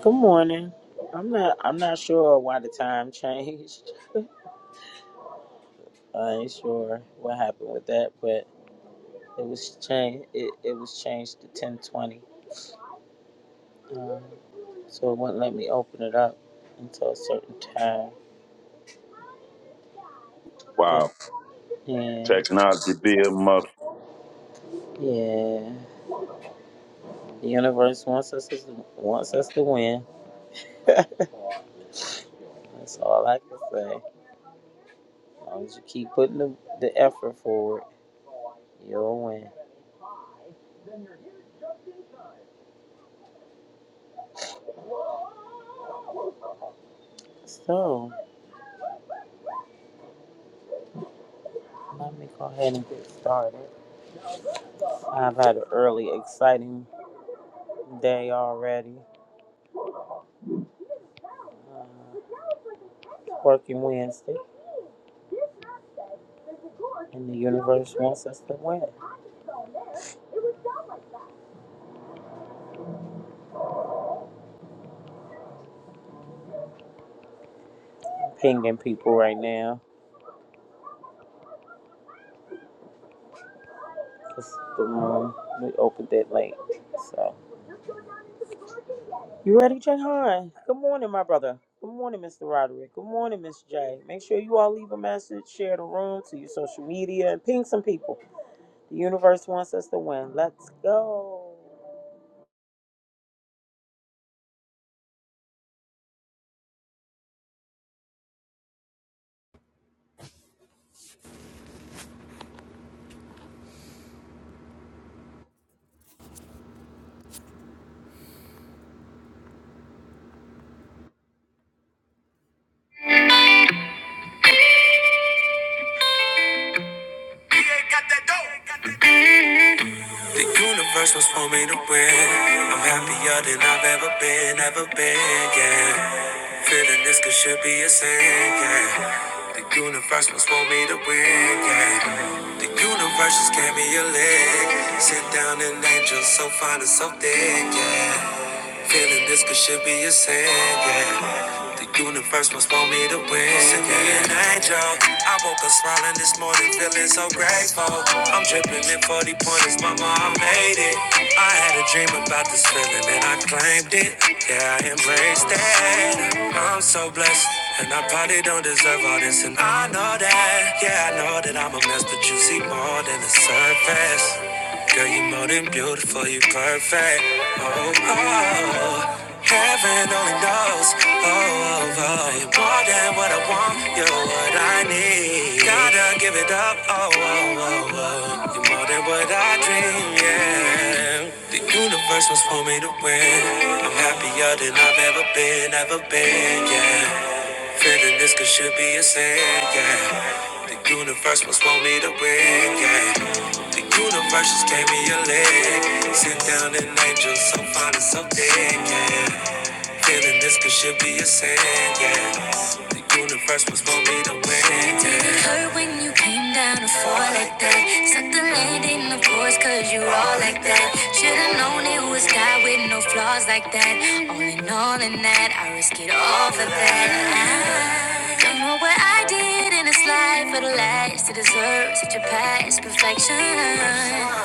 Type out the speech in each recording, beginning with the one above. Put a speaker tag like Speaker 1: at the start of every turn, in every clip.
Speaker 1: Good morning. I'm not. I'm not sure why the time changed. I ain't sure what happened with that, but it was changed. It, it was changed to 10:20, um, so it wouldn't let me open it up until a certain time. But
Speaker 2: Wow.
Speaker 1: yeah,
Speaker 2: Technology bill must
Speaker 1: yeah. The universe wants us to wants us to win. That's all I can say. As long as you keep putting the, the effort forward, you'll win. So let me go ahead and get started. I've had an early, exciting day already, uh, working Wednesday, and the universe wants us to win. I'm pinging people right now because the room we opened it late. So, you ready, Jahan? Good morning, my brother. Good morning, Mr. Roderick. Good morning, Miss J. Make sure you all leave a message, share the room to your social media, and ping some people. The universe wants us to win. Let's go.
Speaker 3: The universe was for me to win. I'm happier than I've ever been, ever been, yeah. Feeling this could should be a sin, yeah. The universe was for me to win, yeah. The universe just gave me a leg. Sit down and angel so fine and so thick, yeah. Feeling this could should be a sin, yeah. The universe must want me to win. Send me an angel. I woke up smiling this morning, feeling so grateful. I'm dripping in 40 pointers, mama, I made it. I had a dream about this feeling and I claimed it. Yeah, I embraced it. I'm so blessed. And I probably don't deserve all this, and I know that. Yeah, I know that I'm a mess, but you see more than the surface. Girl, you more than beautiful, you perfect. Oh, oh, oh. heaven only knows. Oh, oh, oh, you're more than what I want, you're what I need. Gotta give it up. Oh, oh, oh, oh, you're more than what I dream. Yeah, the universe was for me to win. I'm happier than I've ever been, ever been. Yeah. Feeling this could should be a sin, yeah. The universe must want me to win, yeah. The universe just gave me a leg. Sit down an angel, so fine and so thick, yeah. Feeling this could should be a sin, yeah. The universe must want me to win, yeah. It hurt when you came down to fall like that. Suck the land in the force, cause you all like that. Should've known it was God with no flaws like that. All in all, in that, I risk it all for that. I don't know what I did in this life for the last to deserve such a past perfection.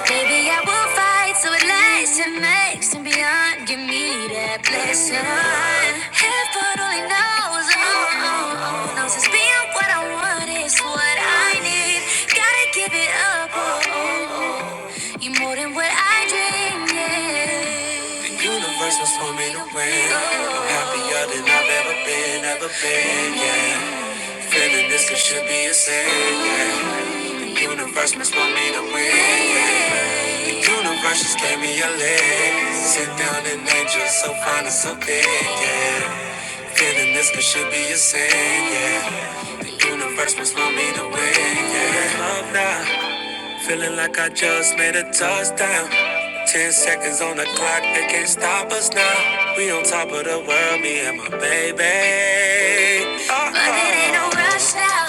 Speaker 3: Maybe I will fight so it lasts and makes and beyond. Give me that blessing. Heaven only knows, oh, oh, oh, knows it's being what I want is what I need. Gotta give it up, oh, oh, oh. you more than what I dreamed. Yeah. The universe was for me to win. I'm happier than I've ever been, ever been, yeah. Feeling this could should be a sin. yeah. Universe must want me to win. yeah. Universe just gave me a leg. Sit down and angel so fine and so big. Yeah. Feeling this could should be a sin. Yeah. The universe must want me to win. Yeah. Love now. Feeling like I just made a touchdown. Ten seconds on the clock, they can't stop us now. We on top of the world, me and my baby. Uh-uh. But it ain't no rush now.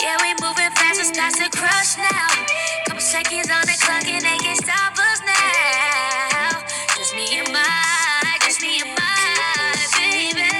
Speaker 3: Yeah, we moving fast, it's starts to crush now. Couple seconds on the clock, and they can't stop us now. Just me and my just need your body, baby.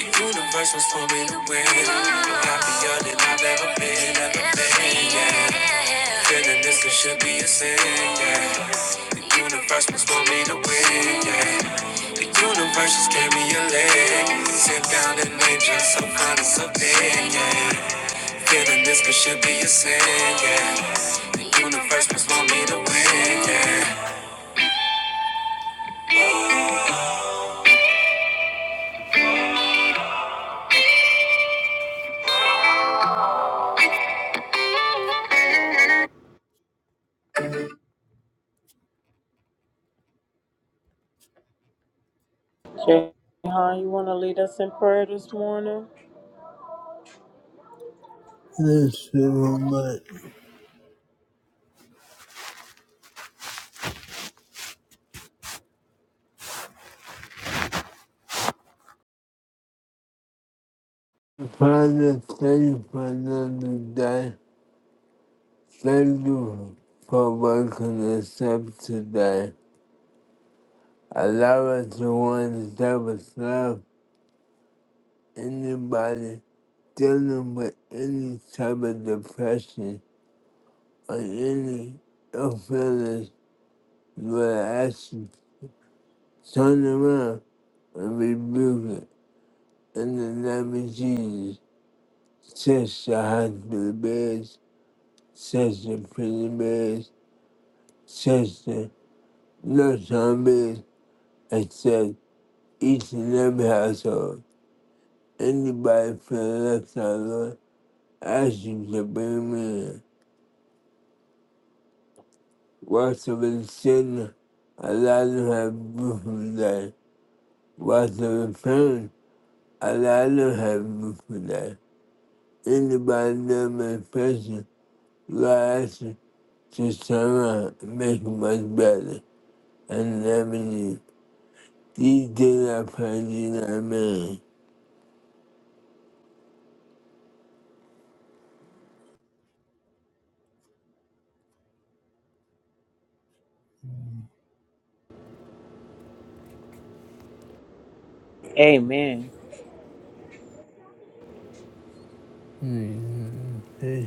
Speaker 3: The universe was for me to win. I'm happier than I've ever been, ever been, yeah. yeah. Feeling this it should be a sin, yeah. The universe was for me to win, yeah. The universe just gave me a leg. Sit down and nature, some kind of something, yeah. Feeling this it should be a sin, yeah. The universe was for me to win, yeah.
Speaker 1: Jahan, you want to lead us in prayer this morning?
Speaker 3: This is so much. Father, thank you for another day. Thank you for waking us up today. Allow us to want to help us love anybody dealing with any type of depression or any ill feelings you are asking. Turn around and rebuke it in the name of Jesus. Touch the hospital beds, touch the prison beds, touch the no zombies except each and every household. Anybody feel left out, Lord, ask you to bring me in. Watch over the children, allow them to have a beautiful day. Watch over the parents, allow them to have a beautiful day. Anybody that may person, Lord, ask you just turn around and make it much better. And never need. These days I pray, in Jesus, name,
Speaker 1: Amen.
Speaker 3: amen.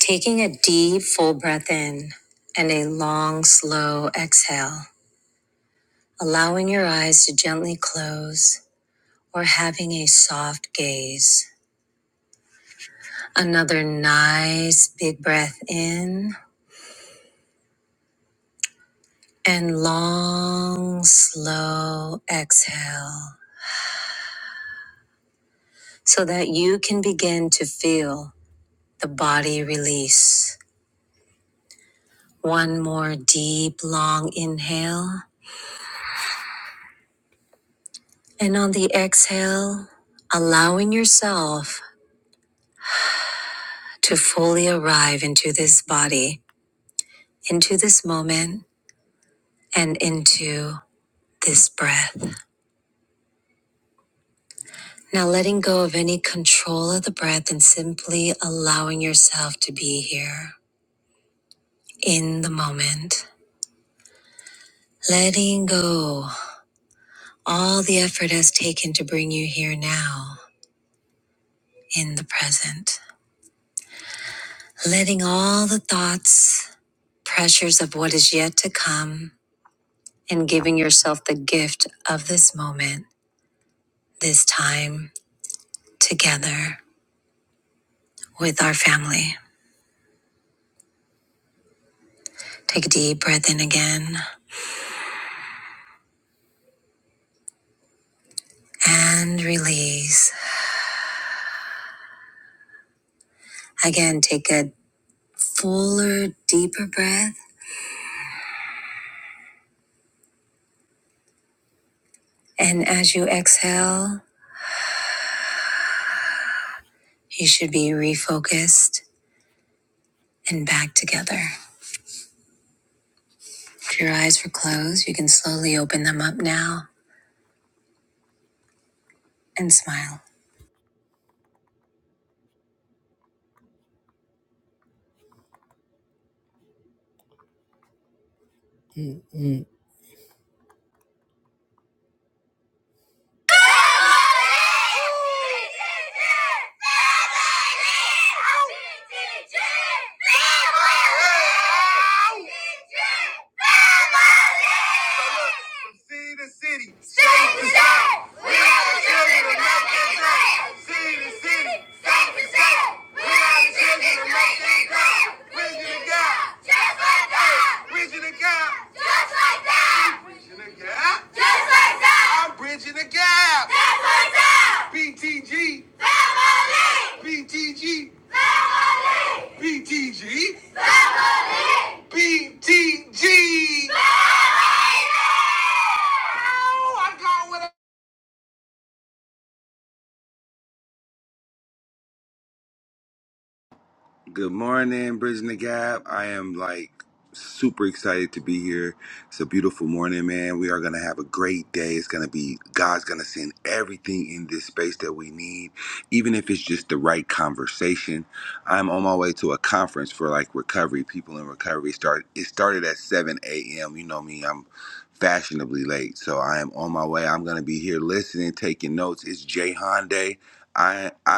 Speaker 3: Taking a deep, full breath in and a long, slow exhale, allowing your eyes to gently close or having a soft gaze. Another nice, big breath in and long, slow exhale so that you can begin to feel the body release. One more deep, long inhale. And on the exhale, allowing yourself to fully arrive into this body, into this moment, and into this breath. Now, letting go of any control of the breath and simply allowing yourself to be here in the moment. Letting go all the effort has taken to bring you here now in the present. Letting all the thoughts, pressures of what is yet to come, and giving yourself the gift of this moment, this time together. with our family. Take a deep breath in again and release. Again, take a fuller, deeper breath. And as you exhale, you should be refocused and back together. If your eyes were closed, you can slowly open them up now and smile.
Speaker 4: Good morning, Bridging the Gap. I am like super excited to be here. It's a beautiful morning, man. We are going to have a great day. It's going to be, God's going to send everything in this space that we need, even if it's just the right conversation. I'm on my way to a conference for like recovery, people in recovery. Start It started at 7 a.m. You know me, I'm fashionably late. So I am on my way. I'm going to be here listening, taking notes. It's Jay Day. I, I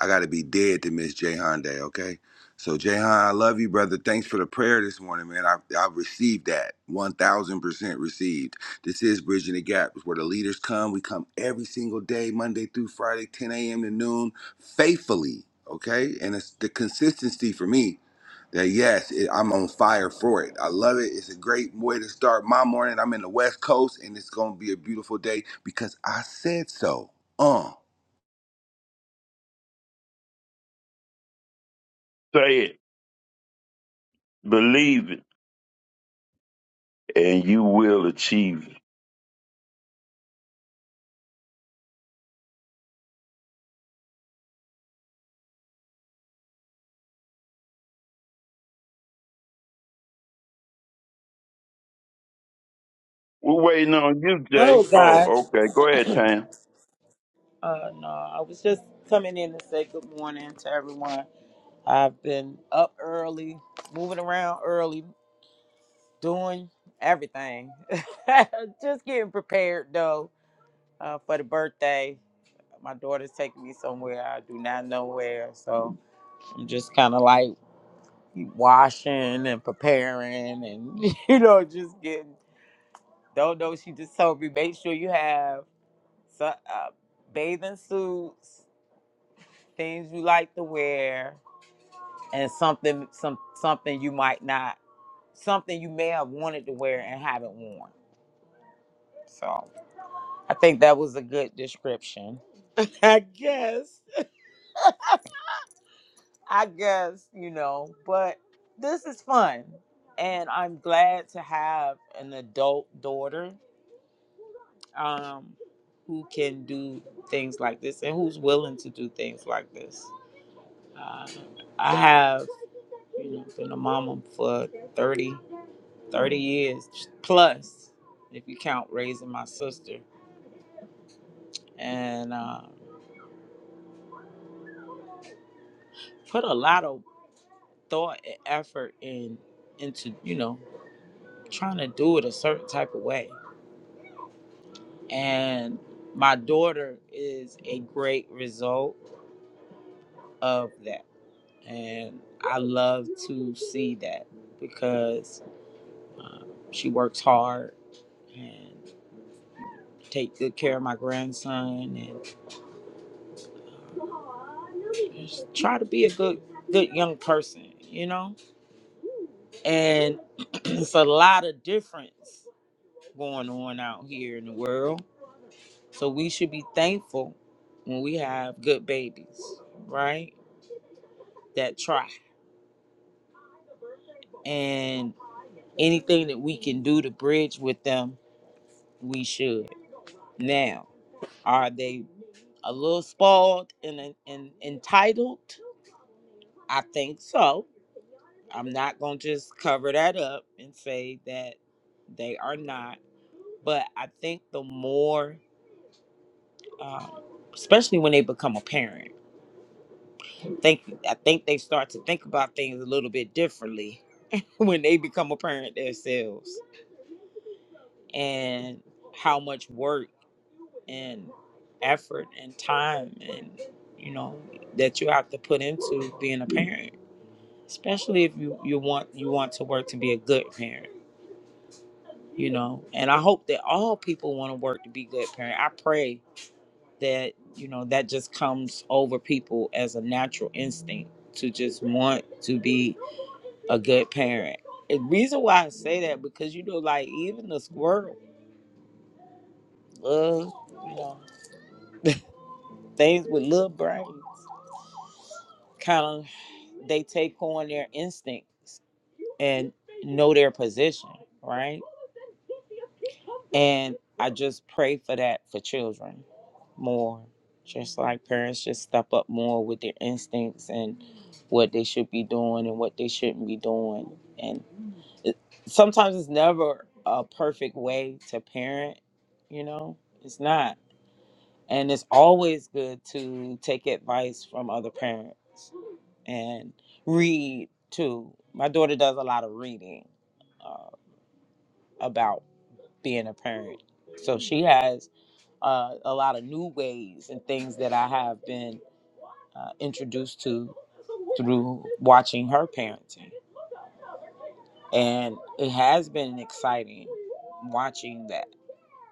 Speaker 4: I gotta be dead to miss Jayhan Day, okay? So Jayhan, I love you, brother. Thanks for the prayer this morning, man. I I received that. One thousand percent received. This is Bridging the Gap, it's where the leaders come. We come every single day, Monday through Friday, 10 a.m. to noon, faithfully, okay? And it's the consistency for me that yes, it, I'm on fire for it. I love it. It's a great way to start my morning. I'm in the West Coast, and it's gonna be a beautiful day because I said so. Uh.
Speaker 2: say it, believe it, and you will achieve it. We're waiting on you, Jay.
Speaker 1: Hello, guys.
Speaker 2: Oh, okay. Go ahead, Tam.
Speaker 1: Uh, no, I was just coming in to say good morning to everyone. I've been up early, moving around early, doing everything. just getting prepared though uh, for the birthday. My daughter's taking me somewhere I do not know where, so I'm just kind of like washing and preparing, and you know, just getting. Don't know. She just told me make sure you have so, uh, bathing suits, things you like to wear and something some something you might not something you may have wanted to wear and haven't worn. So I think that was a good description. I guess. I guess, you know, but this is fun. And I'm glad to have an adult daughter um, who can do things like this and who's willing to do things like this. Uh, I have, you know, been a mama for 30. 30 years plus, if you count raising my sister, and um, put a lot of thought and effort in into you know trying to do it a certain type of way. And my daughter is a great result of that, and I love to see that because um, she works hard and take good care of my grandson and just try to be a good good young person, you know and it's a lot of difference going on out here in the world. So we should be thankful when we have good babies, right? That try. And anything that we can do to bridge with them, we should. Now, are they a little spoiled and, and entitled? I think so. I'm not going to just cover that up and say that they are not. But I think the more um, especially when they become a parent. Think I think they start to think about things a little bit differently when they become a parent themselves, and how much work and effort and time and you know that you have to put into being a parent, especially if you you want you want to work to be a good parent. You know, and I hope that all people want to work to be good parent. I pray that you know that just comes over people as a natural instinct to just want to be a good parent. The reason why I say that because you know, like even the squirrel, love, you know, things with little brains, kind of they take on their instincts and know their position, right? And I just pray for that for children more. Just like parents just step up more with their instincts and what they should be doing and what they shouldn't be doing. And it, sometimes it's never a perfect way to parent, you know, it's not. And it's always good to take advice from other parents and read too. My daughter does a lot of reading uh, about being a parent. So she has uh, a lot of new ways and things that I have been uh, introduced to through watching her parenting. And it has been exciting watching that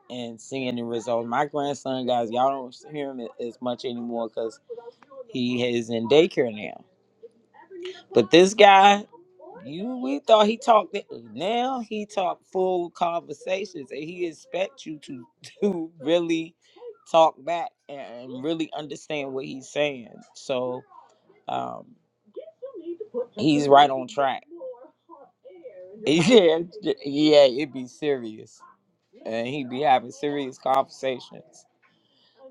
Speaker 1: and seeing the results. My grandson, guys, y'all don't hear him as much anymore because he is in daycare now. But this guy, You we thought he talked it- now he talk full conversations and he expect you to to really talk back and really understand what he's saying. So um he's right on track. Yeah, yeah, it'd be serious. And he'd be having serious conversations.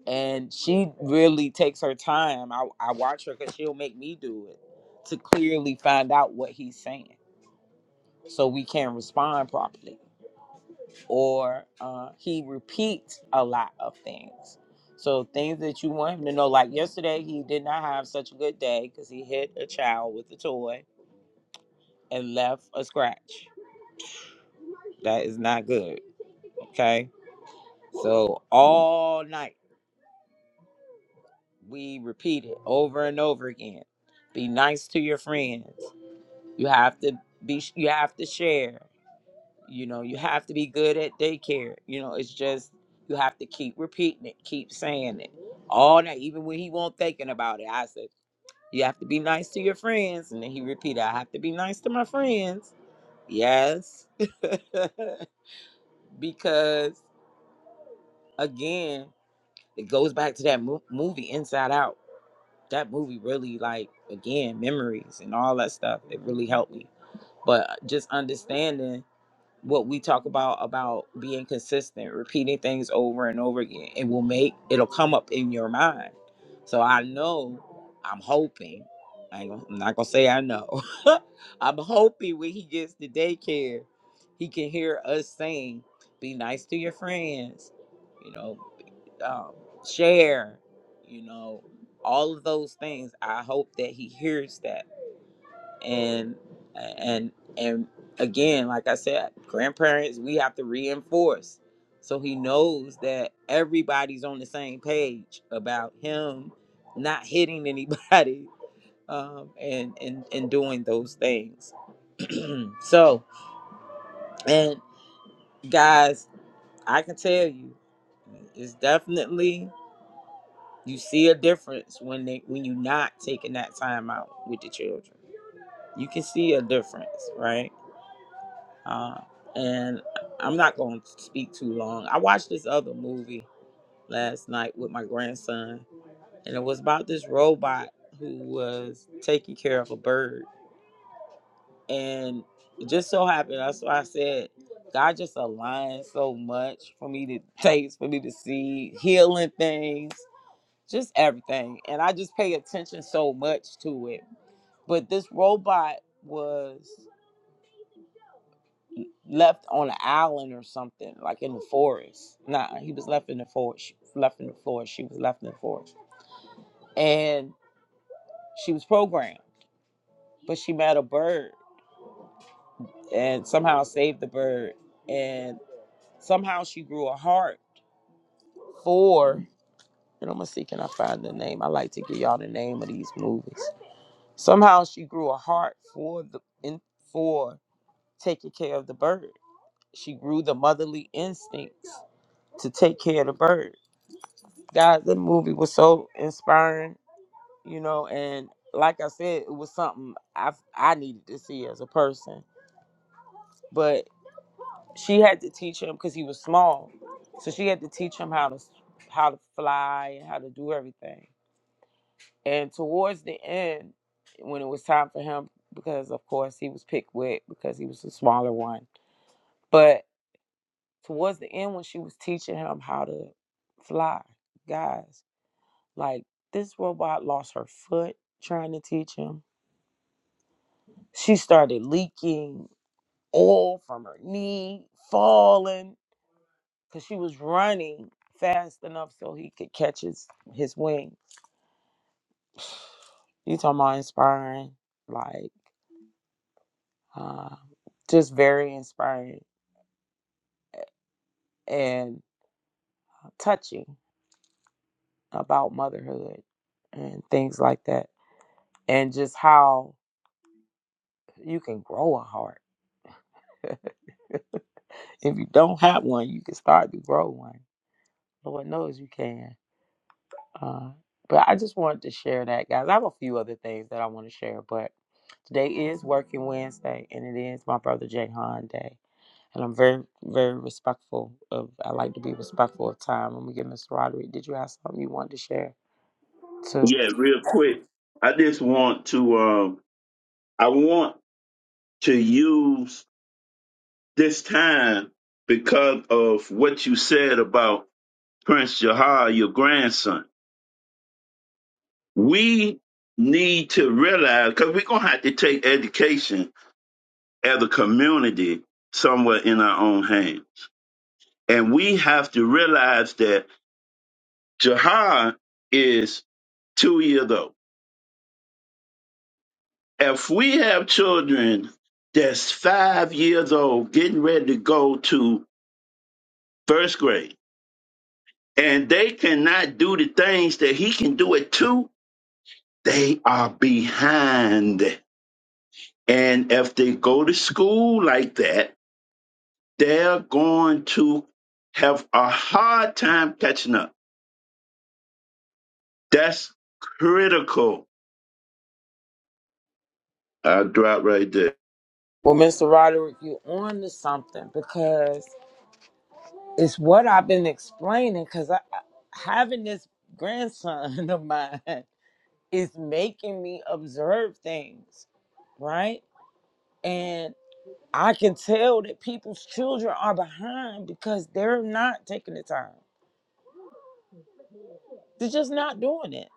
Speaker 1: And she really takes her time. I, I watch her because she'll make me do it to clearly find out what he's saying so we can respond properly or uh, he repeats a lot of things. So things that you want him to know, like yesterday, he did not have such a good day because he hit a child with a toy and left a scratch. That is not good. Okay. So all night we repeat it over and over again. Be nice to your friends. You have to be. You have to share. You know, you have to be good at daycare. You know, it's just you have to keep repeating it, keep saying it all night, even when he won't thinking about it. I said, you have to be nice to your friends, and then he repeated, I have to be nice to my friends. Yes, because again, it goes back to that mo- movie Inside Out. That movie really, like, again, memories and all that stuff. It really helped me. But uh, just understanding. what we talk about about being consistent, repeating things over and over again. It will make it'll come up in your mind. So I know I'm hoping. I ain't, gonna- I'm not gonna say I know. I'm hoping when he gets to daycare, he can hear us saying, "Be nice to your friends," you know, um, share, you know, all of those things. I hope that he hears that and and and again like i said grandparents we have to reinforce so he knows that everybody's on the same page about him not hitting anybody um, and and and doing those things so and guys i can tell you it's definitely you see a difference when they when you're not taking that time out with the children you can see a difference right Uh, and I'm not going to speak too long. I watched this other movie last night with my grandson, and it was about this robot who was taking care of a bird. And it just so happened, that's why I said, God just aligned so much for me to taste, for me to see, healing things, just everything. And I just pay attention so much to it. But this robot was left on an island or something, like in the forest. Nah, he was left in the forest. left in the forest. She was left in the forest. And she was programmed, but she met a bird and somehow saved the bird. And somehow she grew a heart for, and I'm gonna see, can I find the name? I like to give y'all the name of these movies. Somehow she grew a heart for the, in, for taking care of the bird. She grew the motherly instincts to take care of the bird God, the movie was so inspiring, you know, and like I said, it was something I I needed to see as a person. But she had to teach him because he was small, so she had to teach him how to how to fly and how to do everything. And towards the end, when it was time for him, because of course he was picked with because he was the smaller one. But towards the end, when she was teaching him how to fly, guys. Like this robot lost her foot trying to teach him. She started leaking oil from her knee, falling because she was running fast enough so he could catch his his wings. You talking about inspiring? Like, uh, just very inspiring and touching about motherhood and things like that, and just how you can grow a heart. if you don't have one, you can start to grow one Lord knows you can. Uh, but I just wanted to share that, guys. I have a few other things that I want to share, but today is Working Wednesday, and it is my brother Jay Han Day. And I'm very, very respectful of, I like to be respectful of time. Let me get Mr. Roderick. Did you have something you wanted to share too?
Speaker 2: Yeah, real quick. I just want to um I want to use this time because of what you said about Prince Jahar, your grandson. We need to realize because we're gonna have to take education as a community somewhere in our own hands And we have to realize that Jahan is two years old. If we have children that's five years old getting ready to go to first grade and they cannot do the things that he can do at two, they are behind. And if they go to school like that, they're going to have a hard time catching up. That's critical. I'll drop right there.
Speaker 1: Well, Mr. Roderick, you on to something because it's what I've been explaining because I, I- having this grandson of mine is making me observe things right? And I can tell that people's children are behind because they're not taking the time. They're just not doing it.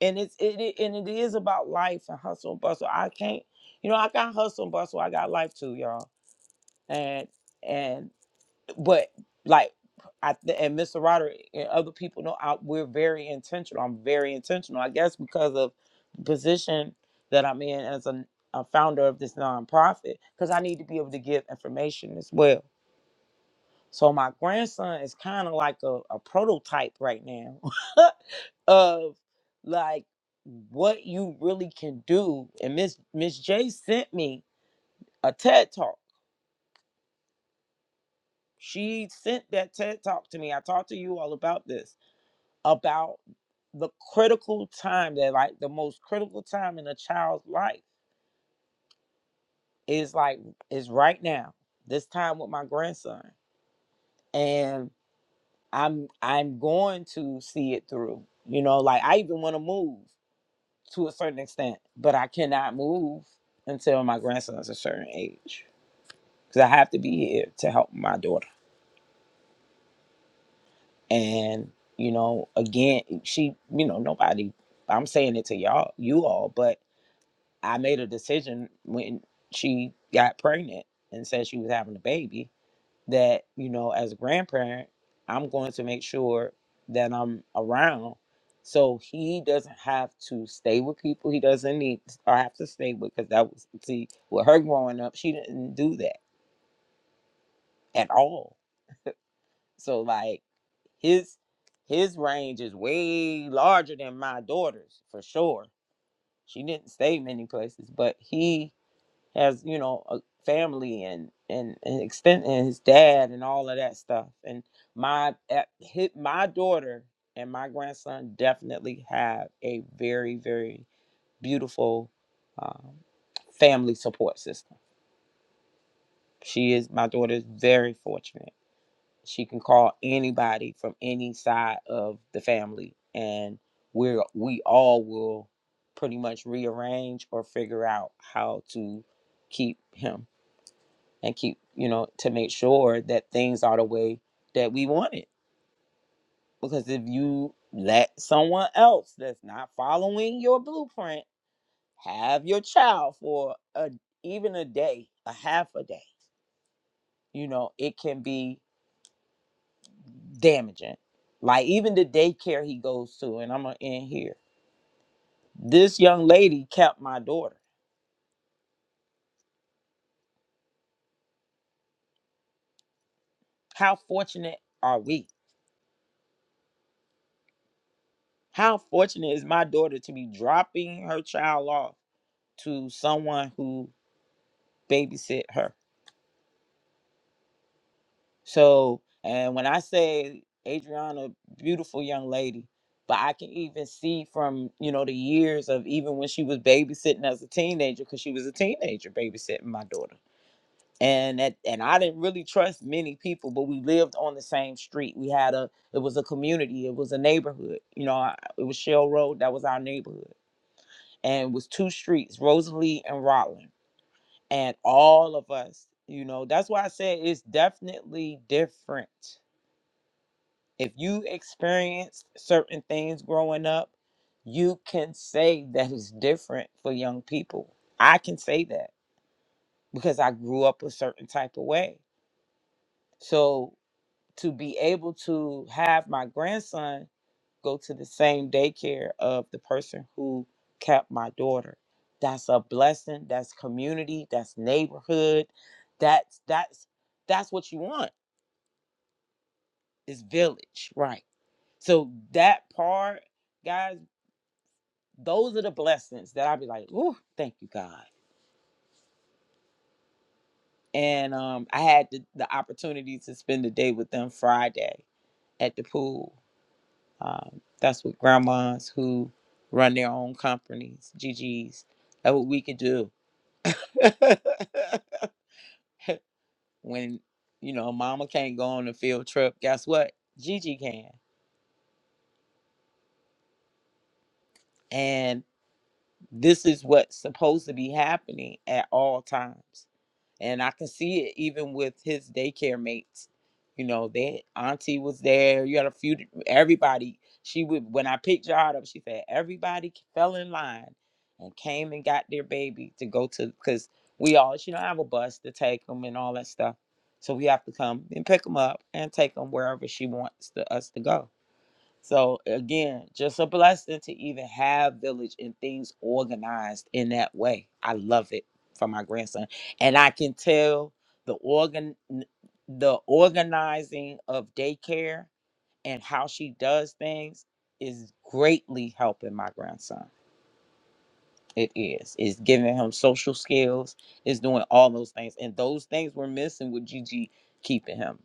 Speaker 1: And it's it, it and it is about life and hustle and bustle. I can't, you know, I got hustle and bustle. I got life too, y'all. And and but like I and Mr. Roderick and other people know I, we're very intentional. I'm very intentional. I guess because of the position that I'm in as a, a founder of this nonprofit, because I need to be able to give information as well So my grandson is kind of like a, a prototype right now of like what you really can do. And Miss Miss J sent me a TED talk. She sent that TED talk to me. I talked to you all about this about the critical time that like the most critical time in a child's life is like is right now. This time with my grandson. and. I'm I'm going to see it through. You know, like I even want to move to a certain extent, but I cannot move until my grandson's a certain age because I have to be here to help my daughter. And you know, again, she, you know, nobody. I'm saying it to y'all, you all, but I made a decision when she got pregnant and said she was having a baby that you know as a grandparent i'm going to make sure that i'm around so he doesn't have to stay with people he doesn't need or have to stay with because that was see with her growing up she didn't do that at all so like his his range is way larger than my daughter's for sure she didn't stay many places but he as you know a family and and and extent and his dad and all of that stuff and my at, hit my daughter and my grandson definitely have a very very beautiful um, family support system she is my daughter is very fortunate she can call anybody from any side of the family and we're we all will pretty much rearrange or figure out how to keep him and keep you know to make sure that things are the way that we want it because if you let someone else that's not following your blueprint have your child for a even a day a half a day you know it can be damaging like even the daycare he goes to and i'm gonna end here this young lady kept my daughter how fortunate are we how fortunate is my daughter to be dropping her child off to someone who babysit her. So, and when I say Adriana, beautiful young lady, but I can even see from, you know, the years of even when she was babysitting as a teenager, because she was a teenager babysitting my daughter. And that, and I didn't really trust many people, but we lived on the same street. We had a, it was a community, it was a neighborhood. You know, I, it was Shell Road, that was our neighborhood. And it was two streets, Rosalie and Rotland and all of us you know that's why i said it's definitely different if you experienced certain things growing up you can say that it's different for young people i can say that because i grew up a certain type of way so to be able to have my grandson go to the same daycare of the person who kept my daughter. That's a blessing. That's community. That's neighborhood. That's that's that's what you want. Is village, right? So that part, guys, those are the blessings that I'd be like, "Ooh, thank you, God." And um, I had the, the opportunity to spend the day with them Friday at the pool. Um, that's with grandmas who run their own companies, GGs. That's what we could do when you know mama can't go on a field trip guess what gigi can and this is what's supposed to be happening at all times And I can see it even with his daycare mates. You know, that auntie was there. You had a few, everybody. She would, when I picked y'all up, she said, everybody fell in line and came and got their baby to go to, because we all, she don't have a bus to take them and all that stuff. So we have to come and pick them up and take them wherever she wants to, us to go. So again, just a blessing to even have village and things organized in that way. I love it for my grandson, and I can tell the organ, the organizing of daycare and how she does things is greatly helping my grandson. It is. It's giving him social skills. It's doing all those things, and those things were missing with Gigi keeping him.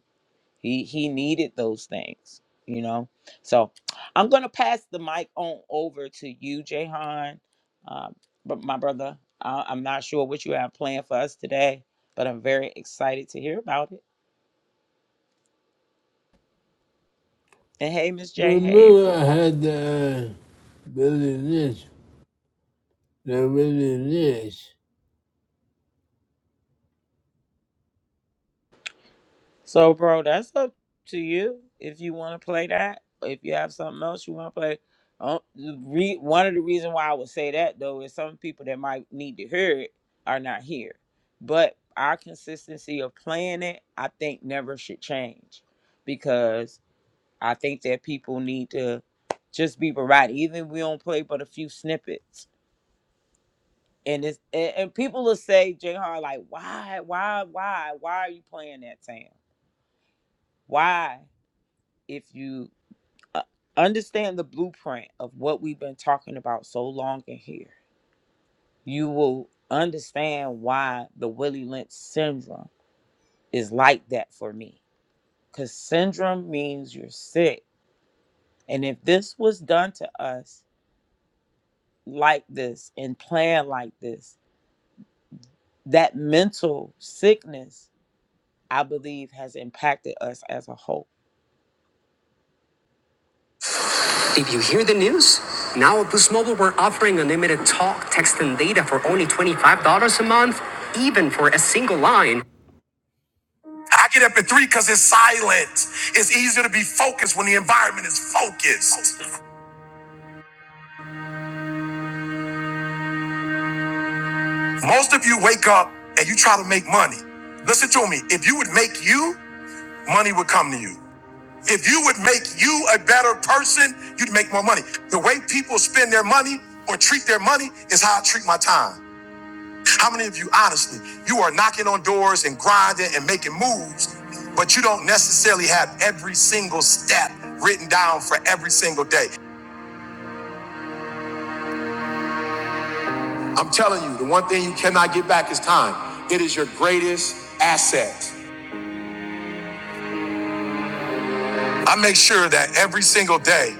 Speaker 1: He he needed those things, you know. So I'm gonna pass the mic on over to you, Jahan. Um, but my brother, I, I'm not sure what you have planned for us today, but I'm very excited to hear about it. And hey, Miss J, hey
Speaker 3: Remember I
Speaker 1: April.
Speaker 3: had the uh, Billy Lynch, the Billy Lynch.
Speaker 1: So, bro, that's up to you if you want to play that. If you have something else you want to play, Um, the re- one of the reasons why I would say that though is some people that might need to hear it are not here. But our consistency of playing it, I think, never should change because I think that people need to just be variety. Even if we don't play but a few snippets, and it's and, and people will say, J Hard, like, why, why, why, why are you playing that, Sam? Why? if you uh, understand the blueprint of what we've been talking about so long in here, you will understand why the Willie Lynch syndrome is like that for me. Because syndrome means you're sick. And if this was done to us like this and planned like this, that mental sickness, I believe, has impacted us as a whole.
Speaker 3: If you hear the news, now at Boost Mobile, we're offering unlimited talk, text, and data for only $25 a month, even for a single line. I get up at three because it's silent. It's easier to be focused when the environment is focused. Most of you wake up and you try to make money. Listen to me. If you would make you, money would come to you. If you would make you a better person, you'd make more money. The way people spend their money or treat their money is how I treat my time. How many of you, honestly, you are knocking on doors and grinding and making moves, but you don't necessarily have every single step written down for every single day? I'm telling you, the one thing you cannot get back is time. It is your greatest asset. I make sure that every single day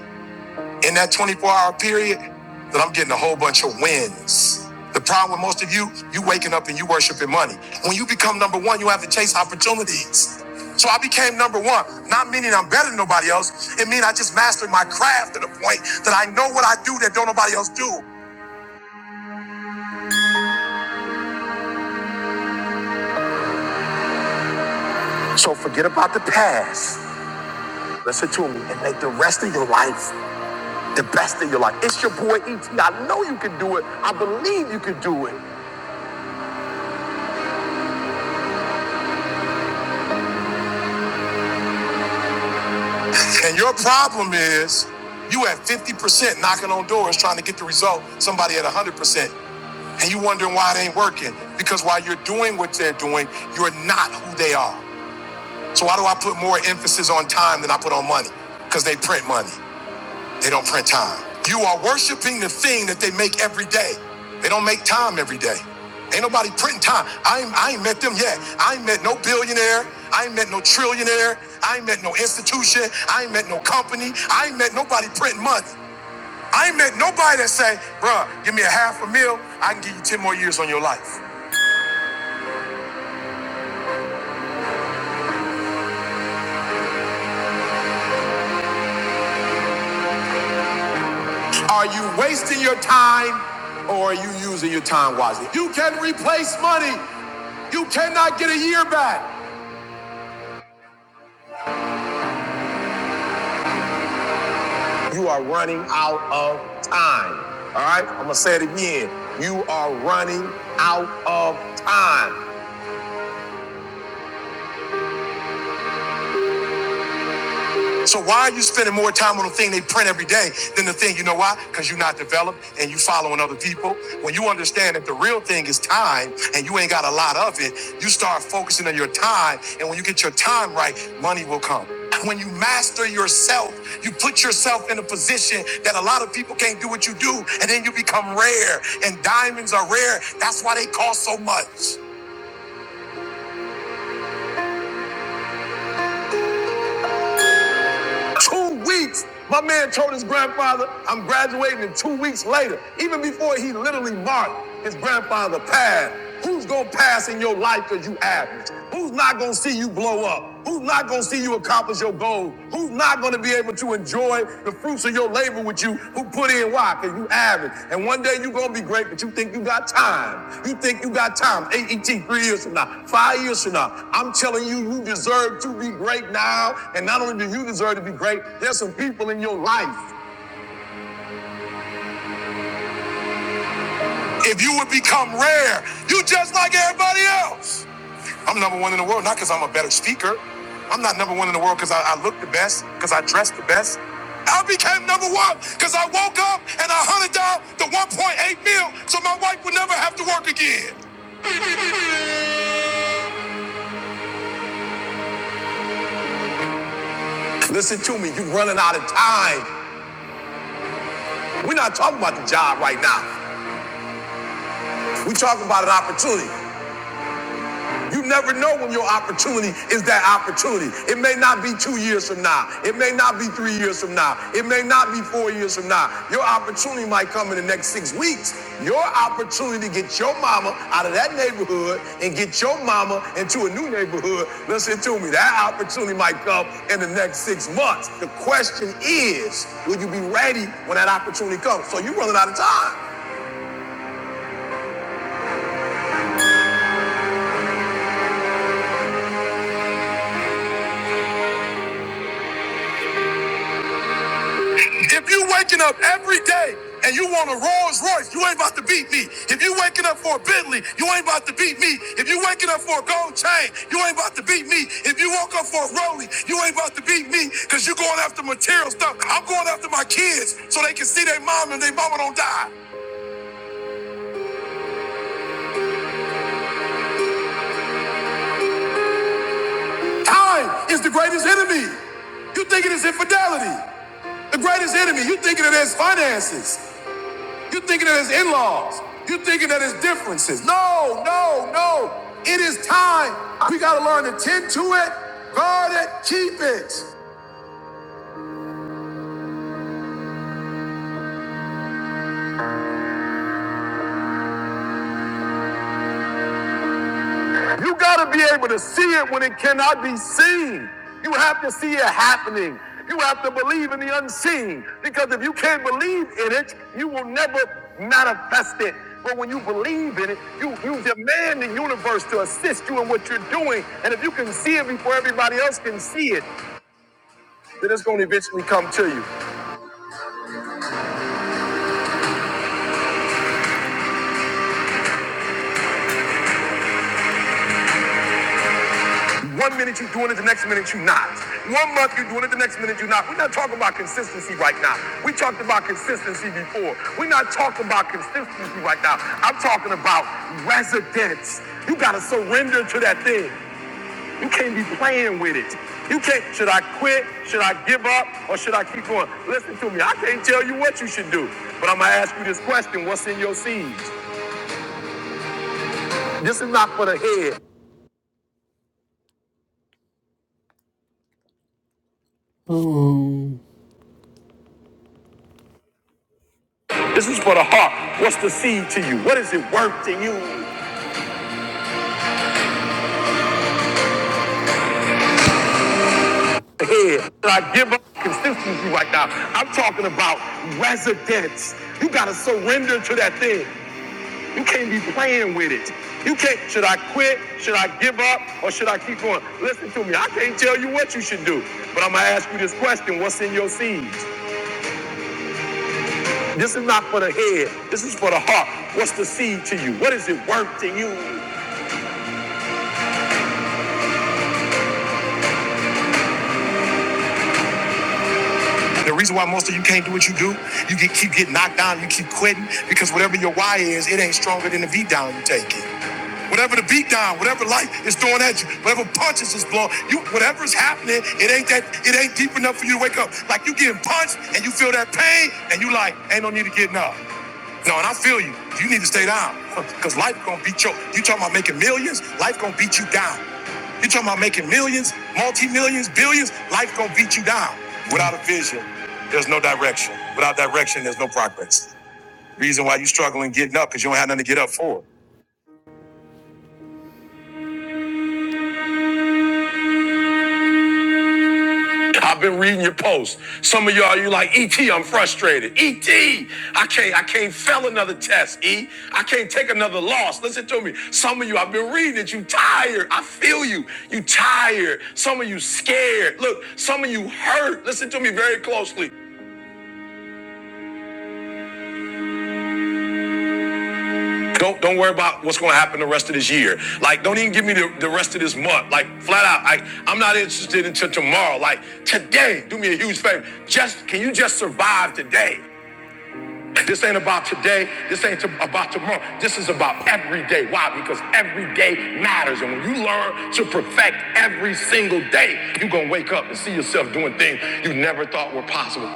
Speaker 3: in that 24 hour period that I'm getting a whole bunch of wins. The problem with most of you, you waking up and you worshiping money. When you become number one, you have to chase opportunities. So I became number one, not meaning I'm better than nobody else. It means I just mastered my craft to the point that I know what I do that don't nobody else do. So forget about the past. Listen to me and make the rest of your life the best of your life. It's your boy E.T. I know you can do it. I believe you can do it. And your problem is you at 50% knocking on doors trying to get the result, somebody at 100%. And you wondering why it ain't working. Because while you're doing what they're doing, you're not who they are. So why do I put more emphasis on time than I put on money? Because they print money. They don't print time. You are worshiping the thing that they make every day. They don't make time every day. Ain't nobody printing time. I ain't, I ain't met them yet. I ain't met no billionaire. I ain't met no trillionaire. I ain't met no institution. I ain't met no company. I ain't met nobody printing money. I ain't met nobody that say, bruh, give me a half a mil. I can give you 10 more years on your life. Are you wasting your time or are you using your time wisely? You can replace money. You cannot get a year back. You are running out of time. All right? I'm going to say it again. You are running out of time. So why are you spending more time on the thing they print every day than the thing? You know why? Because you're not developed and you following other people. When you understand that the real thing is time and you ain't got a lot of it, you start focusing on your time. And when you get your time right, money will come. When you master yourself, you put yourself in a position that a lot of people can't do what you do, and then you become rare. And diamonds are rare. That's why they cost so much. Two weeks. My man told his grandfather, I'm graduating in two weeks later. Even before he literally marked, his grandfather passed. Who's gonna pass in your life because you average? Who's not gonna see you blow up? Who's not gonna see you accomplish your goals? Who's not gonna be able to enjoy? enjoy the fruits of your labor with you who put in why? Because you average. And one day you're going to be great, but you think you got time. You think you got time. AET, three years from now, five years from now. I'm telling you, you deserve to be great now. And not only do you deserve to be great, there's some people in your life If you would become rare, you just like everybody else. I'm number one in the world, not because I'm a better speaker. I'm not number one in the world because I, I look the best, because I dress the best. I became number one because I woke up and I hunted down the 1.8 mil so my wife would never have to work again. Listen to me, you're running out of time. We're not talking about the job right now. We're talking about an opportunity. You never know when your opportunity is that opportunity. It may not be two years from now. It may not be three years from now. It may not be four years from now. Your opportunity might come in the next six weeks. Your opportunity to get your mama out of that neighborhood and get your mama into a new neighborhood. Listen to me. That opportunity might come in the next six months. The question is, will you be ready when that opportunity comes? So you're running out of time. If you waking up every day and you want a Rolls Royce, you ain't about to beat me. If you waking up for a Bentley, you ain't about to beat me. If you waking up for a gold chain, you ain't about to beat me. If you woke up for a Rollie, you ain't about to beat me because you going after material stuff. I'm going after my kids so they can see their mom and their mama don't die. Time is the greatest enemy. You think it is infidelity. The greatest enemy, you thinking it is finances. You are thinking that it's in-laws. You are thinking that it's differences. No, no, no. It is time. We gotta learn to tend to it, guard it, keep it. You gotta be able to see it when it cannot be seen. You have to see it happening. You have to believe in the unseen. Because if you can't believe in it, you will never manifest it. But when you believe in it, you, you demand the universe to assist you in what you're doing. And if you can see it before everybody else can see it, that it's going to eventually come to you. One minute you're doing it, the next minute you're not. One month you're doing it, the next minute you're not. We're not talking about consistency right now. We talked about consistency before. We're not talking about consistency right now. I'm talking about residence. You got to surrender to that thing. You can't be playing with it. You can't, should I quit? Should I give up? Or should I keep going? Listen to me. I can't tell you what you should do, but I'm going to ask you this question What's in your seeds? This is not for the head. Oh. distance you right now. I'm talking about residents. You gotta surrender to that to be playing with it. You can't, should I quit? Should I give up? Or should I keep going? Listen to me. I can't tell you what you should do, but I'm gonna ask you this question. What's in your seeds? This is not for the head. This is for the heart. What's the seed to you? What is it worth to you? The reason why most of you can't do what you do, you get, keep getting knocked down, you keep quitting, because whatever your why is, it ain't stronger than the V down you take it. Whatever the beat down, whatever life is throwing at you, whatever punches is blowing, you whatever's happening, it ain't that it ain't deep enough for you to wake up. Like you getting punched and you feel that pain and you like, ain't no need to get up. No, and I feel you. You need to stay down. Cause life gonna beat you. You talking about making millions, life gonna beat you down. You talking about making millions, multi-millions, billions, life gonna beat you down. Without a vision, there's no direction. Without direction, there's no progress. Reason why you struggling getting up, because you don't have nothing to get up for. I've been reading your posts. Some of y'all, you like ET. I'm frustrated. ET, I can't, I can't fail another test. E, I can't take another loss. Listen to me. Some of you, I've been reading it. You tired. I feel you. You tired. Some of you scared. Look, some of you hurt. Listen to me very closely. Don't don't worry about what's going to happen the rest of this year. Like, don't even give me the, the rest of this month. Like, flat out, I, I'm not interested until tomorrow. Like, today, do me a huge favor. Just can you just survive today? This ain't about today. This ain't about tomorrow. This is about every day. Why? Because every day matters. And when you learn to perfect every single day, you're going to wake up and see yourself doing things you never thought were possible.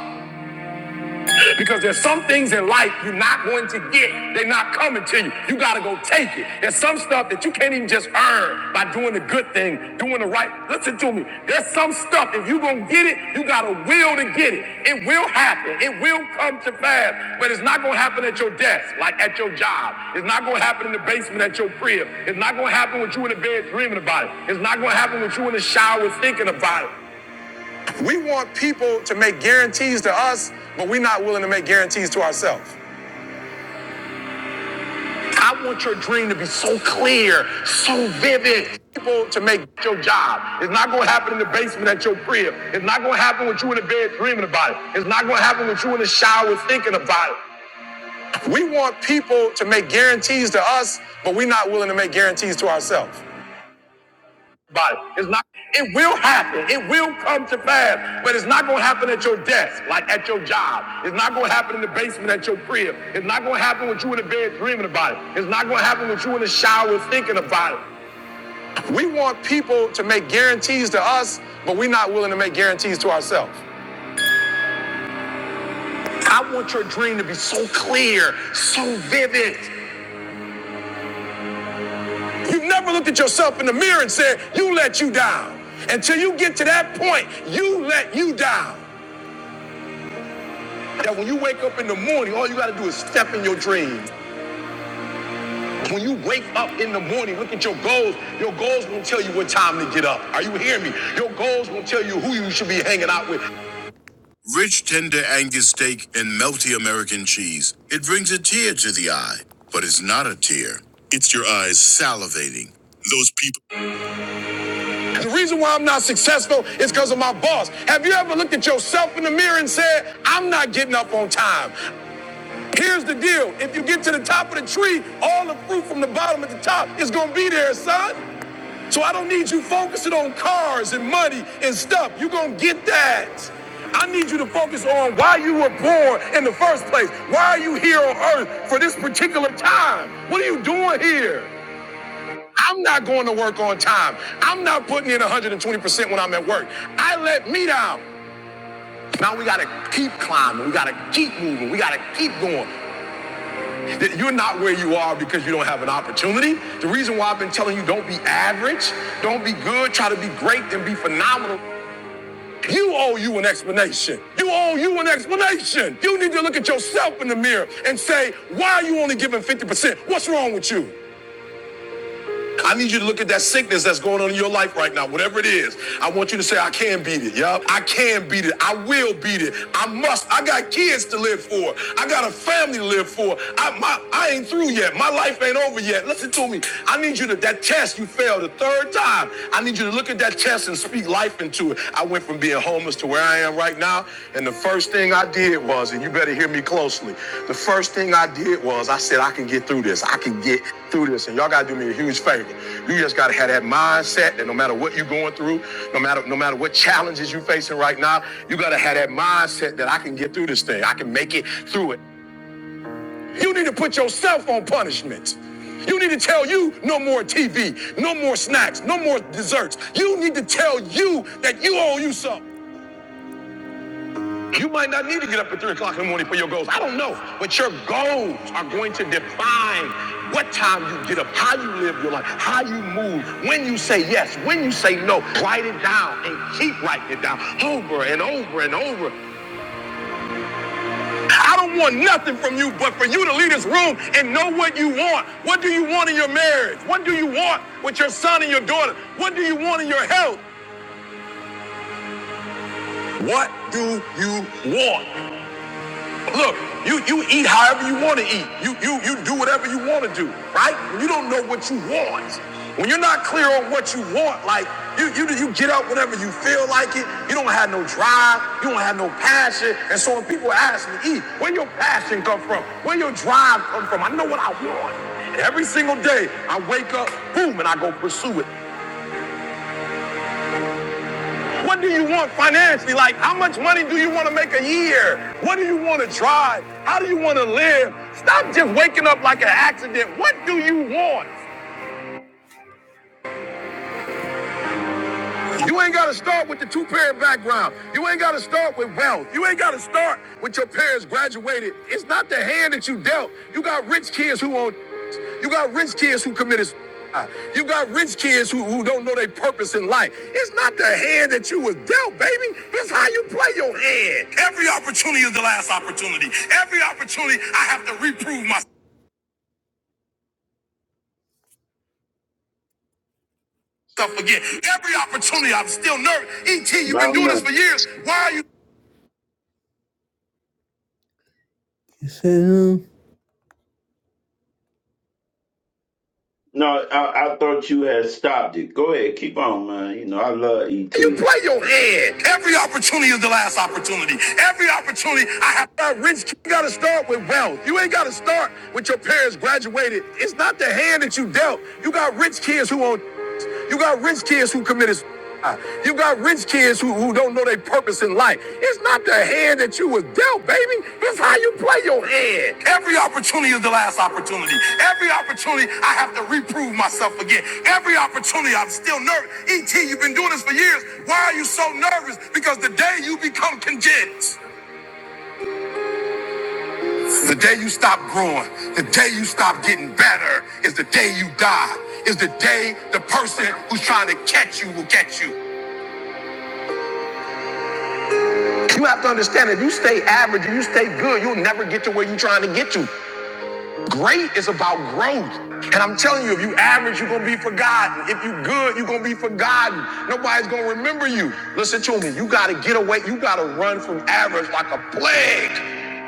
Speaker 3: Because there's some things in life you're not going to get. They're not coming to you. You got to go take it. There's some stuff that you can't even just earn by doing the good thing, doing the right. Listen to me. There's some stuff, if you're going to get it, you got to will to get it. It will happen. It will come to pass, but it's not going to happen at your desk, like at your job. It's not going to happen in the basement at your crib. It's not going to happen with you in the bed dreaming about it. It's not going to happen with you in the shower thinking about it. We want people to make guarantees to us, but we're not willing to make guarantees to ourselves. I want your dream to be so clear, so vivid. People to make your job. It's not going to happen in the basement at your crib. It's not going to happen with you in the bed dreaming about it. It's not going to happen with you in the shower thinking about it. We want people to make guarantees to us, but we're not willing to make guarantees to ourselves. body. It's not. It will happen. It will come to pass, but it's not going to happen at your desk, like at your job. It's not going to happen in the basement at your crib. It's not going to happen with you in the bed dreaming about it. It's not going to happen with you in the shower thinking about it. We want people to make guarantees to us, but we're not willing to make guarantees to ourselves. I want your dream to be so clear, so vivid. You've never looked at yourself in the mirror and said, "You let you down." Until you get to that point, you let you down. That when you wake up in the morning, all you gotta do is step in your dream. When you wake up in the morning, look at your goals. Your goals won't tell you what time to get up. Are you hearing me? Your goals won't tell you who you should be hanging out with. Rich tender Angus steak and melty American. The reason why I'm not successful is because of my boss. Have you ever looked at yourself in the mirror and said, I'm not getting up on time? Here's the deal. If you get to the top of the tree, all the fruit from the bottom at the top is gonna be there, son. So I don't need you focusing on cars and money and stuff. You're going to get that. I need you to focus on why you were born in the first place. Why are you here on earth for this particular time? What are you doing here? I'm not going to work on time. I'm not putting in 120% when I'm at work. I let me down. Now we got to keep climbing. We got to keep moving. We got to keep going. You're not where you are because you don't have an opportunity. The reason why I've been telling you don't be average, don't be good, try to be great, then be phenomenal. You owe you an explanation. You owe you an explanation. You need to look at yourself in the mirror and say, why are you only giving 50%? What's wrong with you? I need you to look at that sickness that's going on in your life right now, whatever it is. I want you to say, I can beat it. Yup. I can beat it. I will beat it. I must. I got kids to live for. I got a family to live for. I, my, I ain't through yet. My life ain't over yet. Listen to me. I need you to, that test you failed the third time. I need you to look at that test and speak life into it. I went from from being homeless to where I am right now. And the first thing I did was, and you better hear me closely, the first thing I did was I said, I can get through this. I can get through this. And y'all gotta do me a huge favor. You just gotta have that mindset that no matter what you're going through, no matter no matter what challenges you're facing right now, you gotta have that mindset that I can get through this thing. I can make it through it. You need to put yourself on punishment. You need to tell you no more TV, no more snacks, no more desserts. You need to tell you that you owe you something. You might not need to get up at 3 o'clock in the morning for your goals. I don't know. But your goals are going to define what time you get up, how you live your life, how you move, when you say yes, when you say no. Write it down and keep writing it down over and over and over. I don't want nothing from you but for you to leave this room and know what you want. What do you want in your marriage? What do you want with your son and your daughter? What do you want in your health? What do you want? Look, you, you eat however you want to eat. You, you, you do whatever you want to do, right? When you don't know what you want, when you're not clear on what you want, like you, you, you get up whenever you feel like it. You don't have no drive. You don't have no passion. And so when people ask me, E, where your passion come from? Where your drive come from? I know what I want. And every single day I wake up, boom, and I go pursue it. What do you want financially? Like, how much money do you want to make a year? What do you want to drive? How do you want to live? Stop just waking up like an accident. What do you want? You ain't got to start with the two parent background. You ain't got to start with wealth. You ain't got to start with your parents graduated. It's not the hand that you dealt. You got rich kids who own. You got rich kids who committed. You got rich kids who, who don't know their purpose in life. It's not the hand that you was dealt, baby. It's how you play your hand. Every opportunity is the last opportunity. Every opportunity, I have to reprove myself again. Every opportunity, I'm still nervous. E.T., you've
Speaker 2: My
Speaker 3: been doing
Speaker 2: man.
Speaker 3: this for years. Why are you?
Speaker 2: No, I, I thought you had stopped it. Go ahead, keep on, man. You know, I love
Speaker 3: You
Speaker 2: ET.
Speaker 3: play your head. Every opportunity is the last opportunity. Every opportunity I have. That rich kid, you gotta start with wealth. You ain't gotta start with your parents graduated. It's not the hand that you dealt. You got rich kids who own. You got rich kids who committed. suicide. You got rich kids who, who don't know they purpose in life. It's not the hand that you was dealt, baby. It's how you play your hand. Every opportunity is the last opportunity. Every opportunity, I have to reprove myself again. Every opportunity, I'm still nervous. ET, you've been doing this for years. Why are you so nervous? Because the day you become content, the day you stop growing, the day you stop getting better, is the day you die. Is the day the person who's trying to catch you will catch you. You have to understand that if you stay average, if you stay good, you'll never get to where you're trying to get to. Great is about growth. And I'm telling you, if you average, you're gonna be forgotten. If you good, you're gonna be forgotten. Nobody's gonna remember you. Listen to me, you gotta get away, you gotta run from average like a plague.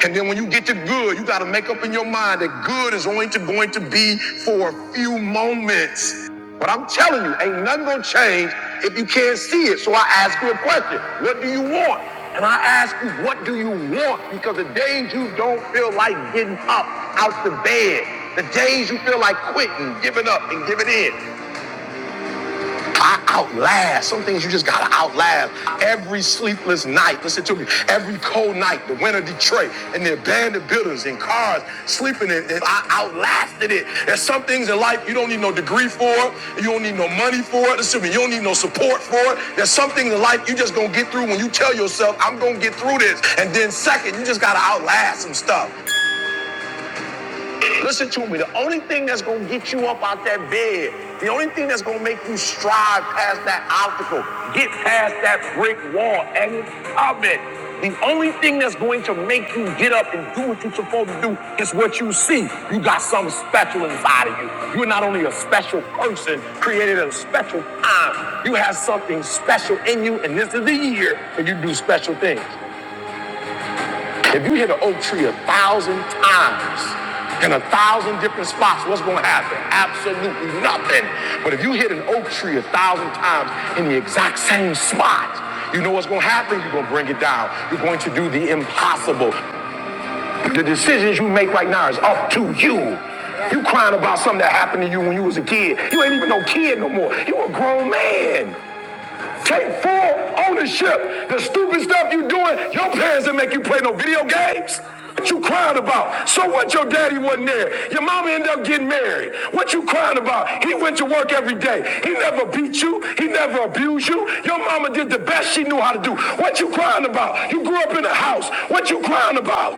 Speaker 3: And then when you get to good, you gotta make up in your mind that good is only to, going to be for a few moments. But I'm telling you, ain't nothing gonna change if you can't see it. So I ask you a question. What do you want? And I ask you, what do you want? Because the days you don't feel like getting up out the bed, the days you feel like quitting, giving up and giving in, I outlast. Some things you just gotta outlast. Every sleepless night, listen to me, every cold night, the winter Detroit and the abandoned buildings and cars sleeping in, and I outlasted it. There's some things in life you don't need no degree for, you don't need no money for it, listen to me, you don't need no support for it. There's some things in life you just gonna get through when you tell yourself, I'm gonna get through this. And then second, you just gotta outlast some stuff. Listen to me. The only thing that's going to get you up out that bed, the only thing that's going to make you strive past that obstacle, get past that brick wall and of it. The only thing that's going to make you get up and do what you're supposed to do is what you see. You got something special inside of you. You're not only a special person created at a special time, you have something special in you, and this is the year that you do special things. If you hit an oak tree a thousand times in a thousand different spots, what's going to happen? Absolutely nothing. But if you hit an oak tree a thousand times in the exact same spot, you know what's going to happen? You're going to bring it down. You're going to do the impossible. The decisions you make right now is up to you. You crying about something that happened to you when you was a kid. You ain't even no kid no more. You a grown man. Take full ownership. The stupid stuff you doing, your parents didn't make you play no video games. What you crying about? So what your daddy wasn't there? Your mama ended up getting married. What you crying about? He went to work every day. He never beat you. He never abused you. Your mama did the best she knew how to do. What you crying about? You grew up in a house. What you crying about?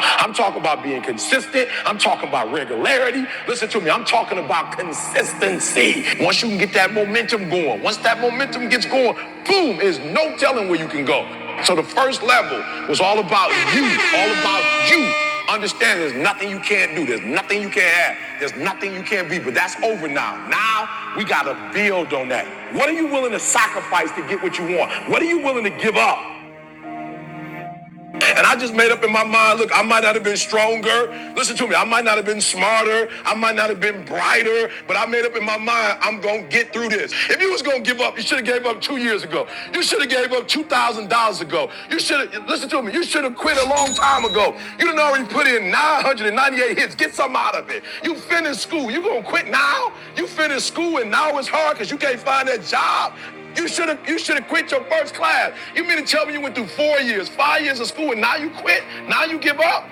Speaker 3: I'm talking about being consistent. I'm talking about regularity. Listen to me. I'm talking about consistency. Once you can get that momentum going, once that momentum gets going, boom, is no telling where you can go. So the first level was all about you, all about you. Understand there's nothing you can't do. There's nothing you can't have. There's nothing you can't be. But that's over now. Now we got to build on that. What are you willing to sacrifice to get what you want? What are you willing to give up? And I just made up in my mind, look, I might not have been stronger. Listen to me, I might not have been smarter. I might not have been brighter, but I made up in my mind, I'm gonna get through this. If you was gonna give up, you should have gave up two years ago. You should have gave up two thousand dollars ago. You should have listen to me, you should have quit a long time ago. You done already put in 998 hits. Get some out of it. You finished school. You gonna quit now? You finished school and now it's hard because you can't find that job. You should have you should have quit your first class. You mean to tell me you went through four years, five years of school, and now you quit? Now you give up?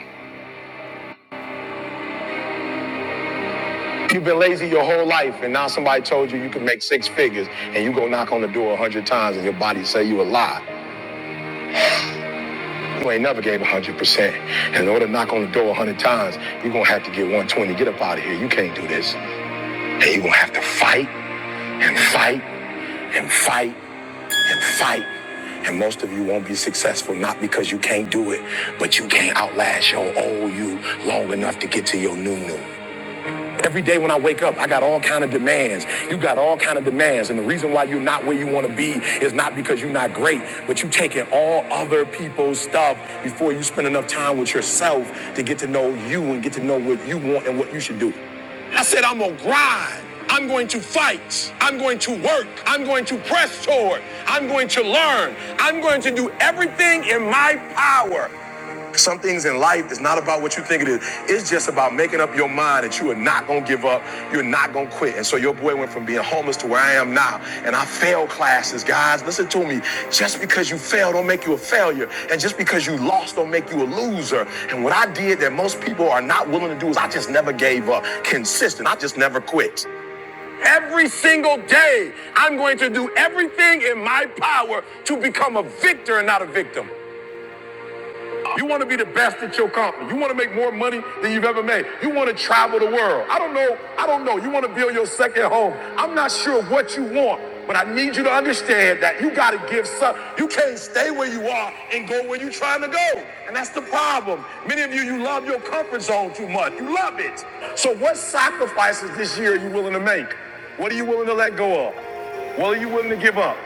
Speaker 3: You've been lazy your whole life, and now somebody told you you could make six figures, and you go knock on the door a hundred times, and your body say you a lie. You ain't never gave one hundred percent. And In order to knock on the door a hundred times, you're gonna have to get 120. Get up out of here. You can't do this. And you're gonna have to fight and fight and fight and fight. And most of you won't be successful, not because you can't do it, but you can't outlast your old you long enough to get to your new new. Every day when I wake up, I got all kind of demands. You got all kind of demands, and the reason why you're not where you want to be is not because you're not great, but you taking all other people's stuff before you spend enough time with yourself to get to know you and get to know what you want and what you should do. I said, I'm gonna grind. I'm going to fight. I'm going to work. I'm going to press toward. I'm going to learn. I'm going to do everything in my power some things in life is not about what you think it is. It's just about making up your mind that you are not gonna give up. You're not gonna quit. And so your boy went from being homeless to where I am now. And I failed classes, guys. Listen to me. Just because you fail don't make you a failure, and just because you lost don't make you a loser. And what I did that most people are not willing to do is I just never gave up. Consistent. I just never quit. Every single day, I'm going to do everything in my power to become a victor and not a victim. You want to be the best at your company. You want to make more money than you've ever made. You want to travel the world. I don't know. I don't know. You want to build your second home. I'm not sure what you want, but I need you to understand that you got to give some. You can't stay where you are and go where you're trying to go. And that's the problem. Many of you, you love your comfort zone too much. You love it. So what sacrifices this year are you willing to make? What are you willing to let go of? What are you willing to give up?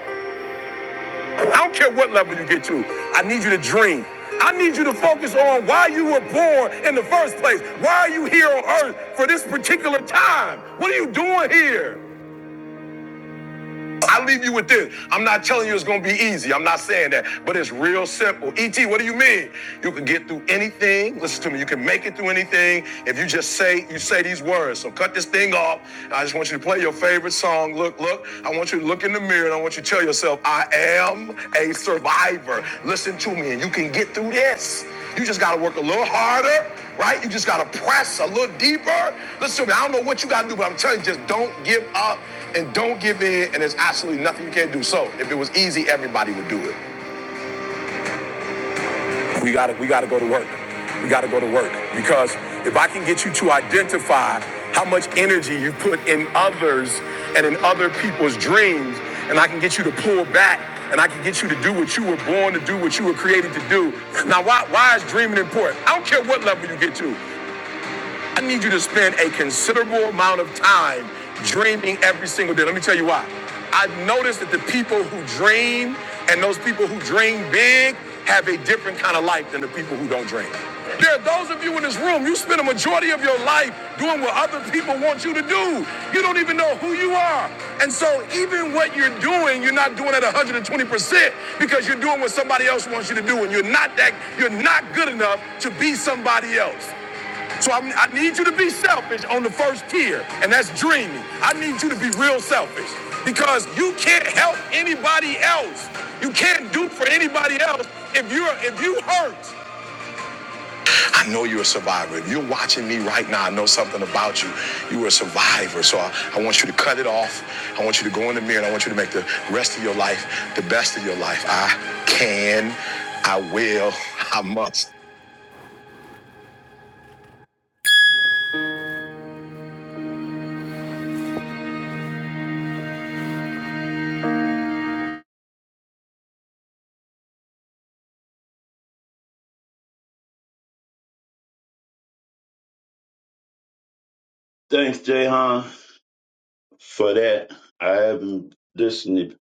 Speaker 3: I don't care what level you get to. I need you to dream. I need you to focus on why you were born in the first place. Why are you here on earth for this particular time? What are you doing here? I leave you with this. I'm not telling you it's gonna be easy. I'm not saying that, but it's real simple. ET, what do you mean? You can get through anything. Listen to me. You can make it through anything if you just say you say these words. So cut this thing off. I just want you to play your favorite song. Look, look. I want you to look in the mirror and I want you to tell yourself, I am a survivor. Listen to me, and you can get through this. You just gotta work a little harder, right? You just gotta press a little deeper. Listen to me. I don't know what you gotta do, but I'm telling you, just don't give up and don't give in and there's absolutely nothing you can't do so if it was easy everybody would do it we gotta we gotta go to work we gotta go to work because if i can get you to identify how much energy you put in others and in other people's dreams and i can get you to pull back and i can get you to do what you were born to do what you were created to do now why, why is dreaming important i don't care what level you get to I need you to spend a considerable amount of time dreaming every single day. Let me tell you why. I've noticed that the people who dream and those people who dream big have a different kind of life than the people who don't dream. There are those of you in this room, you spend a majority of your life doing what other people want you to do. You don't even know who you are. And so even what you're doing, you're not doing at 120% because you're doing what somebody else wants you to do and you're not that you're not good enough to be somebody else. So I'm, I need you to be selfish on the first tier, and that's dreaming. I need you to be real selfish because you can't help anybody else. You can't do for anybody else if you're if you hurt. I know you're a survivor. If you're watching me right now, I know something about you. You were a survivor, so I, I want you to cut it off. I want you to go in the mirror, and I want you to make the rest of your life the best of your life. I can, I will, I must.
Speaker 2: Thanks, Jay Han, for that. I haven't listened to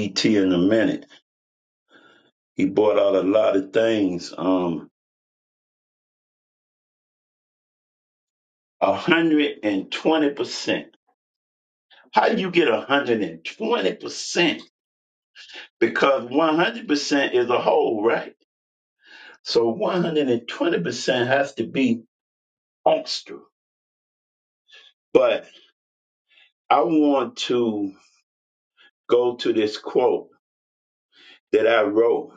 Speaker 2: ET in a minute. He brought out a lot of things. Um, hundred and twenty percent. How do you get hundred and twenty percent? Because one hundred percent is a whole, right? So one hundred and twenty percent has to be extra. But I want to go to this quote that I wrote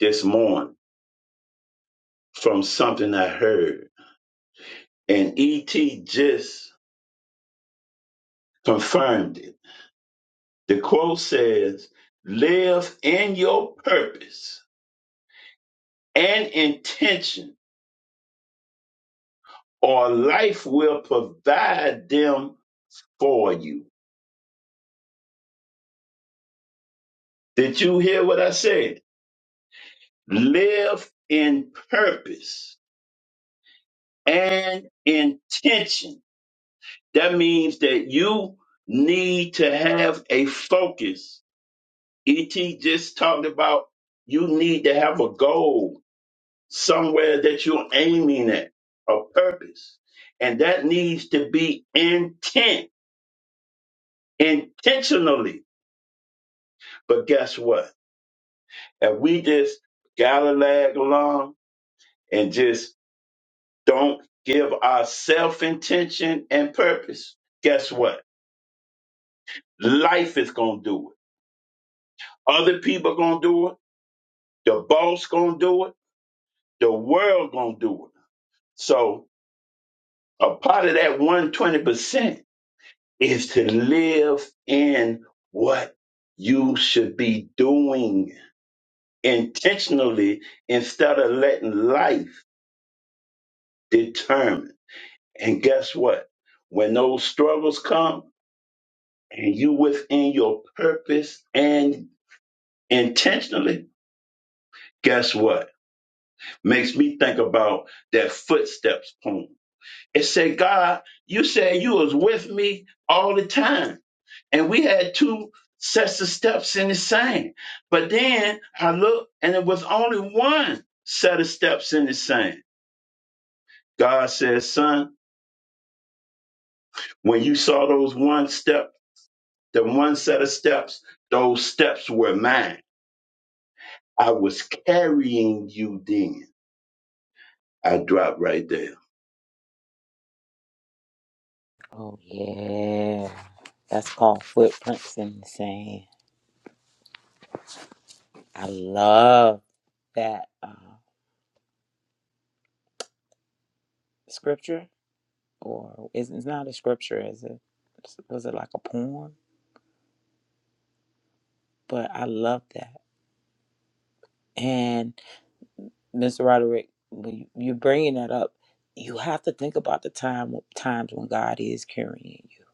Speaker 2: this morning from something I heard, and ET just confirmed it. The quote says, Live in your purpose and intention, or life will provide them for you. Did you hear what I said? Live in purpose and intention. That means that you need to have a focus ET just talked about you need to have a goal somewhere that you're aiming at, a purpose. And that needs to be intent, intentionally. But guess what? If we just gotta lag along and just don't give ourself intention and purpose, guess what? Life is gonna do it. Other people gonna do it. The boss gonna do it. The world gonna do it. So A part of that 120% is to live in what you should be doing intentionally instead of letting life determine. And guess what? When those struggles come and you within your purpose and intentionally, guess what? Makes me think about that footsteps poem. It said, God, you said you was with me all the time and we had two sets of steps in the same. But then I looked, and it was only one set of steps in the same. God says, "Son, when you saw those one step, the one set of steps, those steps were mine. I was carrying you then." I dropped right there.
Speaker 1: Oh yeah, that's called footprints in the sand. I love that uh, scripture. or it's, it's not a scripture, is it? Was it like a poem? But I love that. And Mr. Roderick, when you- are bringing that up, you have to think about the time times when God is carrying you.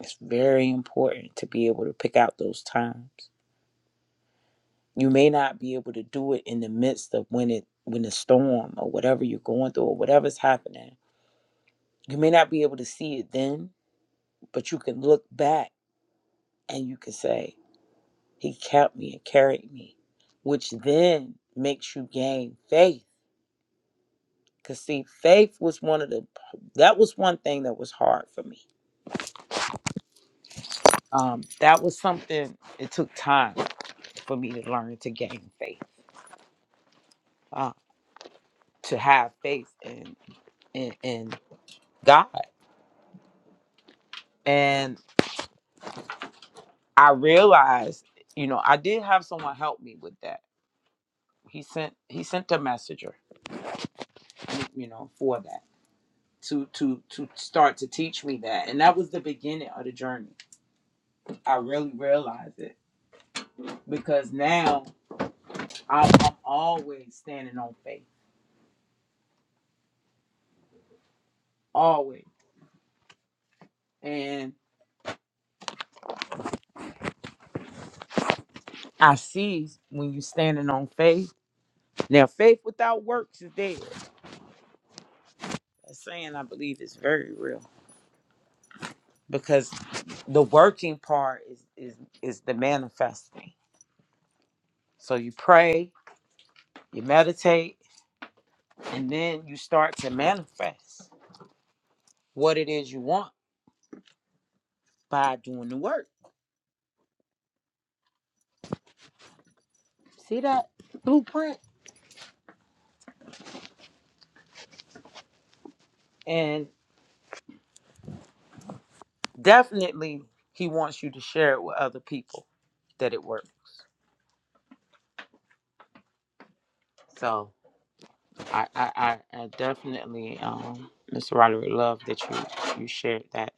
Speaker 1: It's very important to be able to pick out those times. You may not be able to do it in the midst of when it when the storm or whatever you're going through or whatever's happening. You may not be able to see it then, but you can look back and you can say. He kept me and carried me, which then makes you gain faith. Cause see, faith was one of the that was one thing that was hard for me. Um, that was something it took time for me to learn to gain faith, uh, to have faith in, in in God. And I realized, you know, I did have someone help me with that. He sent he sent a messenger, you know, for that to to to start to teach me that, and that was the beginning of the journey I really realize it because now I'm, I'm always standing on faith, always. And I see when you're standing on faith. Now, faith without works is dead. That saying I believe is very real because the working part is is is the manifesting. So you pray, you meditate, and then you start to manifest what it is you want by doing the work. See that blueprint? And definitely he wants you to share it with other people that it works. So I I, I, I definitely um Mr. Roderick love that you you shared that.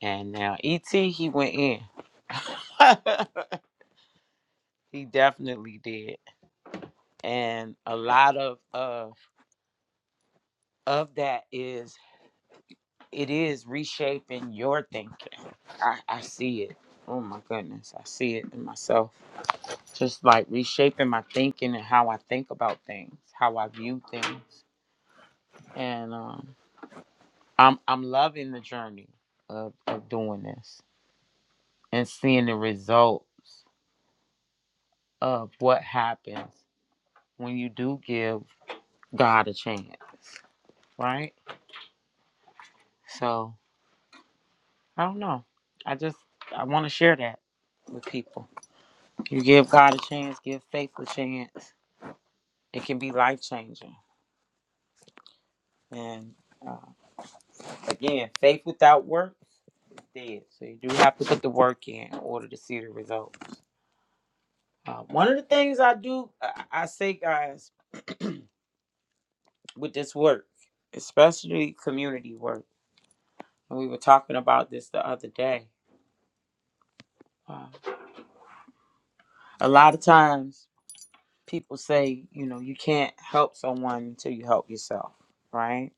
Speaker 1: And now ET he went in. he definitely did. And a lot of of of that is it is reshaping your thinking. I, I see it. Oh my goodness, I see it in myself. just like reshaping my thinking and how I think about things, how I view things, and um, I'm I'm loving the journey of of doing this and seeing the results of what happens when you do give God a chance, right? So I don't know. I just I want to share that with people. You give God a chance, give faith a chance. It can be life changing, and uh, Again, faith without works is dead. So you do have to put the work in in order to see the results. Uh, one of the things I do, I, I say, guys, with this work, especially community work, and we were talking about this the other day. Uh, a lot of times people say, you know, you can't help someone until you help yourself, right?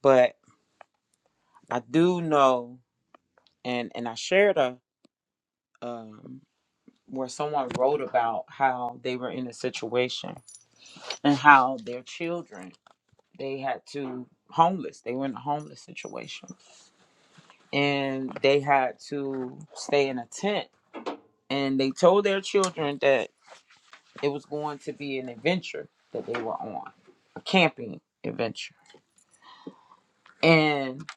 Speaker 1: But I do know, and and I shared a um, where someone wrote about how they were in a situation and how their children they had to homeless they were in a homeless situation and they had to stay in a tent and they told their children that it was going to be an adventure that they were on a camping adventure and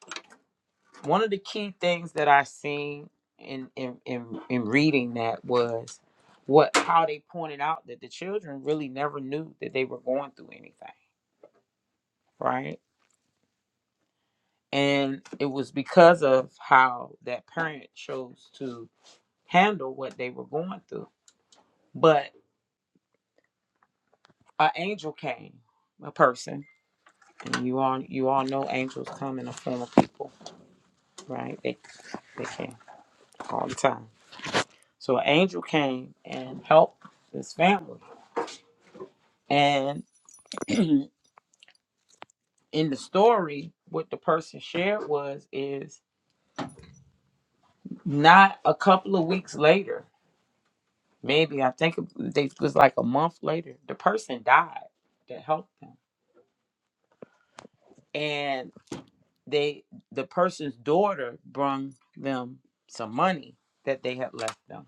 Speaker 1: one of the key things that i seen in in in, in reading that was what how they pointed out that the children really never knew that they were going through anything right and it was because of how that parent chose to handle what they were going through but an angel came a person and you all you all know angels come in the form of people right they they came all the time so an angel came and helped this family and in the story what the person shared was is not a couple of weeks later maybe I think they it was like a month later. The person died that helped them, and they the person's daughter brung them some money that they had left them,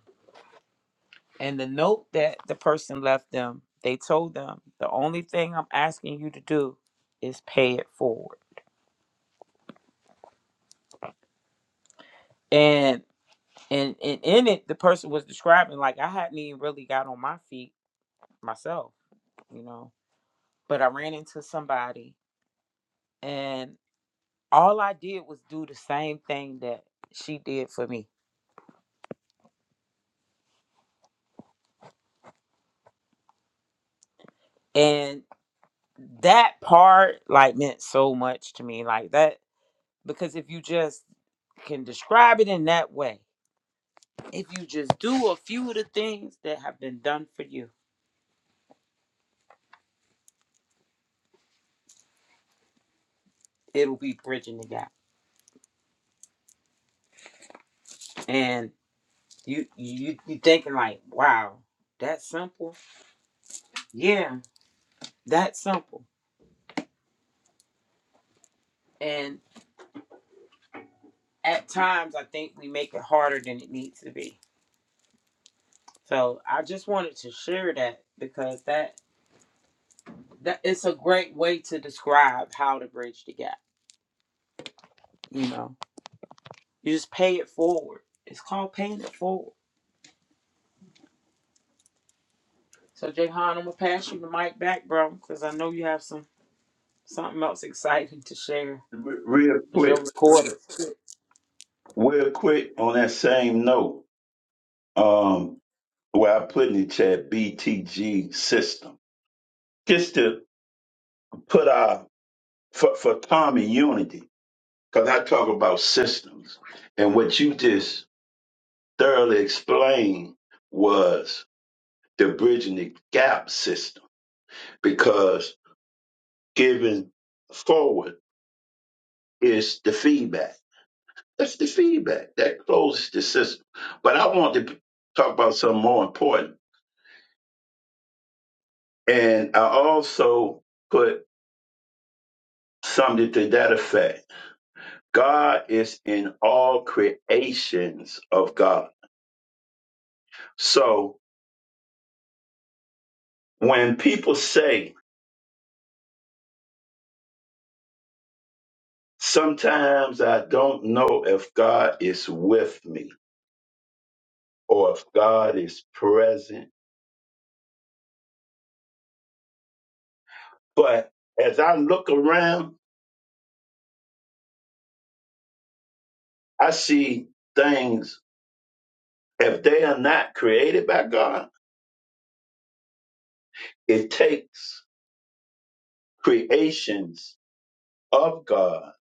Speaker 1: and the note that the person left them. They told them the only thing I'm asking you to do is pay it forward. And and and in it, the person was describing like I hadn't even really got on my feet myself, you know, but I ran into somebody and. all I did was do the same thing that she did for me. And that part like meant so much to me. Like that because if you just can describe it in that way, if you just do a few of the things that have been done for you, it'll be bridging the gap. And you you you thinking like, wow, that simple? Yeah, that simple. And at times I think we make it harder than it needs to be So I just wanted to share that because that that it's a great way to describe how to bridge the gap. You know, you just pay it forward. It's called paying it forward. So Jayhan, I'm gonna pass you the mic back, bro, because I know you have some something else exciting to share.
Speaker 2: Re- Real
Speaker 1: Cause you're
Speaker 2: quick,
Speaker 1: recorded.
Speaker 2: real quick on that same note. Um, where I put in the chat BTG system, just to put our for, for common unity. Because I talk about systems, and what you just thoroughly explained was the bridging the gap system. Because giving forward is the feedback. That's the feedback that closes the system. But I want to talk about something more important, and I also put something to that effect God is in all creations of God. So when people say, sometimes I don't know if God is with me or if God is present, but as I look around, I see things, if they are not created by God, it takes creations of God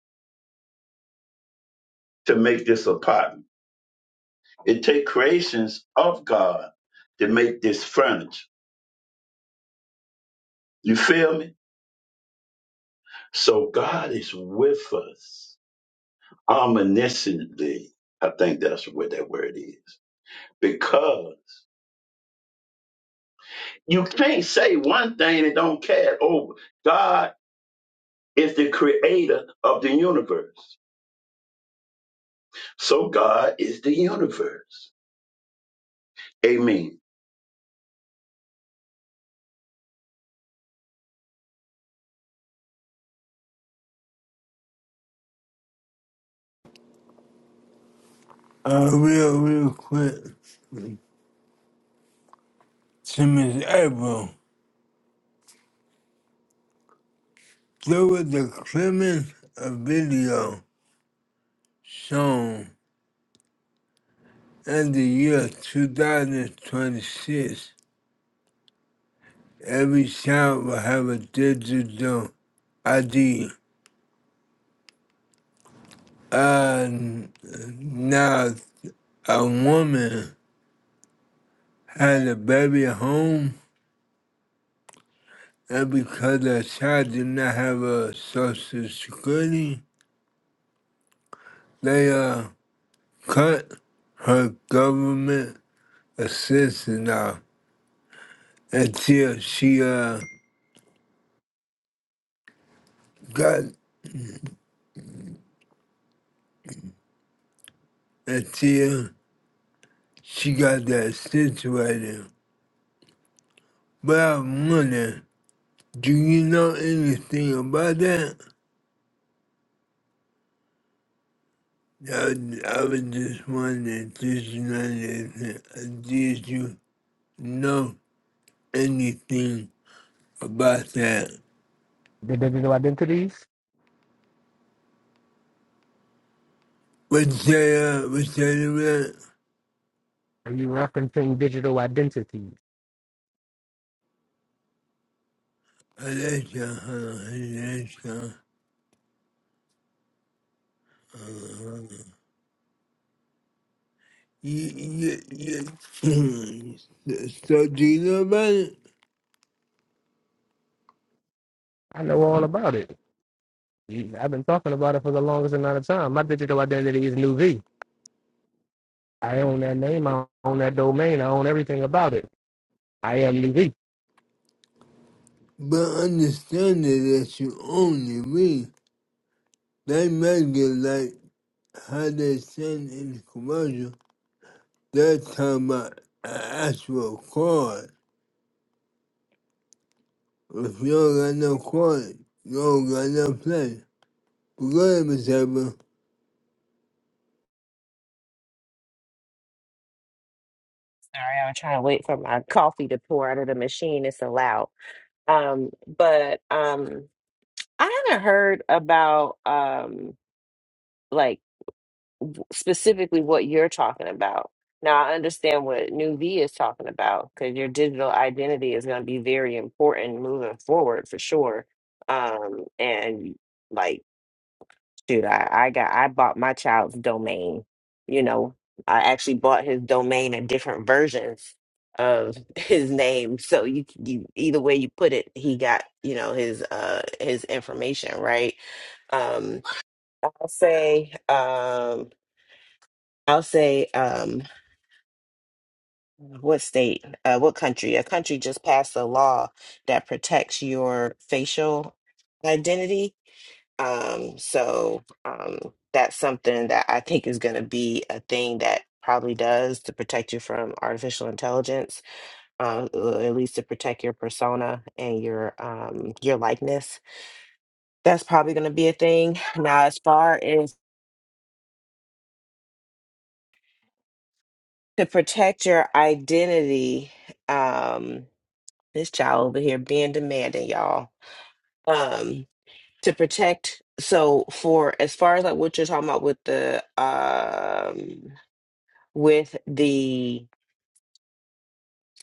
Speaker 2: to make this apartment. It takes creations of God to make this furniture. You feel me? So God is with us omnisciently. I think that's what that word is. Because you can't say one thing and don't care over. God is the creator of the universe. So God is the universe. Amen.
Speaker 3: I will, real quick. To Miss April, there was a Clemens video shown in the year 2026. Every child will have a digital ID. And now a woman had a baby at home, and because her child did not have a social security, they uh, cut her government assistance off. until she uh got until she got that situated. But I'm wondering, do you know anything about that? I, was- I was just wondering, did you know anything? uh, Did you know anything about that?
Speaker 5: The digital identities?
Speaker 3: What's that? Uh, what's that about?
Speaker 5: Are you referencing digital identities?
Speaker 3: Alexa, huh? Alexa, you, you, you. so do you know about it?
Speaker 5: I know all about it. I've been talking about it for the longest amount of time. My digital identity is New V. I own that name. I own that domain. I own everything about it. I am New V.
Speaker 3: But understanding that you only read, they make it like how they send in commercial. They're talking about an actual card. If you don't got no card, you don't got no play. But go ahead, Miss Abel.
Speaker 6: Sorry, I'm trying to wait for my coffee to pour out of the machine. It's so loud. Um, but um, I haven't heard about um, like specifically what you're talking about. Now I understand what New V is talking about because your digital identity is going to be very important moving forward for sure. Um, and like. shoot, I, I got I bought my child's domain. You know, I actually bought his domain and different versions of his name. So you, you either way you put it, he got you know his uh his information right. Um, I'll say um I'll say um what state uh what country a country just passed a law that protects your facial identity Um, so um, that's something that I think is going to be a thing that probably does to protect you from artificial intelligence, uh, or at least to protect your persona and your um, your likeness. That's probably going to be a thing. Now, as far as to protect your identity, um, this child over here being demanding, y'all. Um, to protect. So, for as far as like what you're talking about with the um with the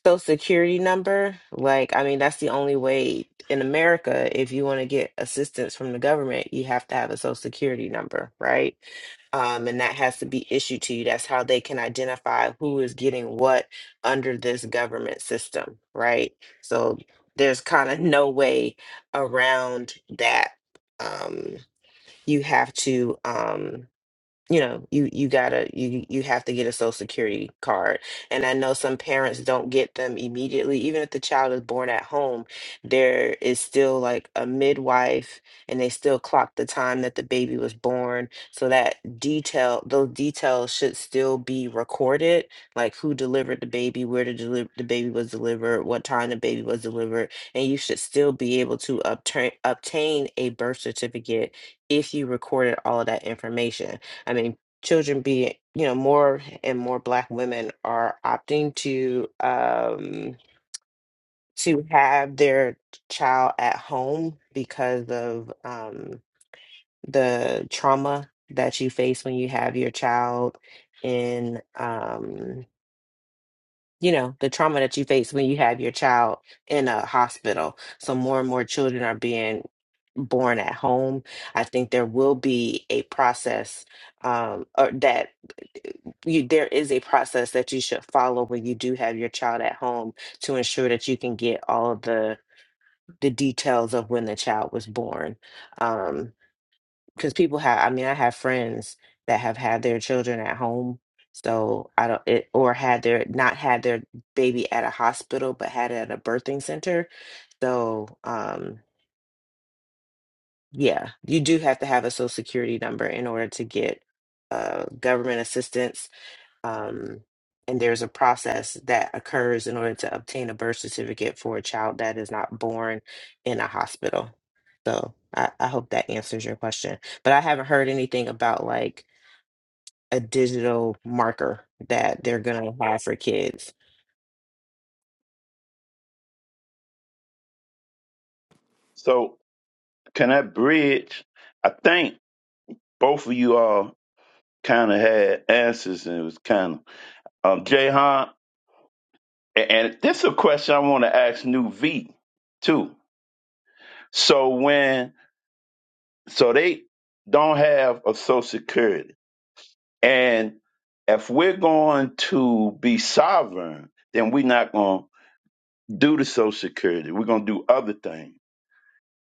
Speaker 6: social security number like i mean that's the only way in america if you want to get assistance from the government you have to have a social security number right um, and that has to be issued to you that's how they can identify who is getting what under this government system right so there's kind of no way around that um, you have to Um, you know you you gotta you you have to get a social security card and i know some parents don't get them immediately even if the child is born at home there is still like a midwife and they still clock the time that the baby was born so that detail those details should still be recorded like who delivered the baby where the, deli- the baby was delivered what time the baby was delivered and you should still be able to obtain obtain a birth certificate if you recorded all of that information I mean, children be, you know, more and more Black women are opting to um, to have their child at home because of um, the trauma that you face when you have your child in. Um, you know the trauma that you face when you have your child in a hospital so more and more children are being born at home i think there will be a process um or that you there is a process that you should follow when you do have your child at home to ensure that you can get all of the the details of when the child was born Um, because people have i mean i have friends that have had their children at home so i don't it or had their not had their baby at a hospital but had it at a birthing center so um yeah you do have to have a social security number in order to get uh government assistance um and there's a process that occurs in order to obtain a birth certificate for a child that is not born in a hospital so i, I hope that answers your question but I haven't heard anything about like a digital marker that they're gonna have for kids.
Speaker 2: So can I bridge? I think both of you all kind of had answers and it was kind of um Jahan. And and this is a question I want to ask New V too. So when So they don't have a social security. And if we're going to be sovereign, then we're not going to do the social security. We're going to do other things.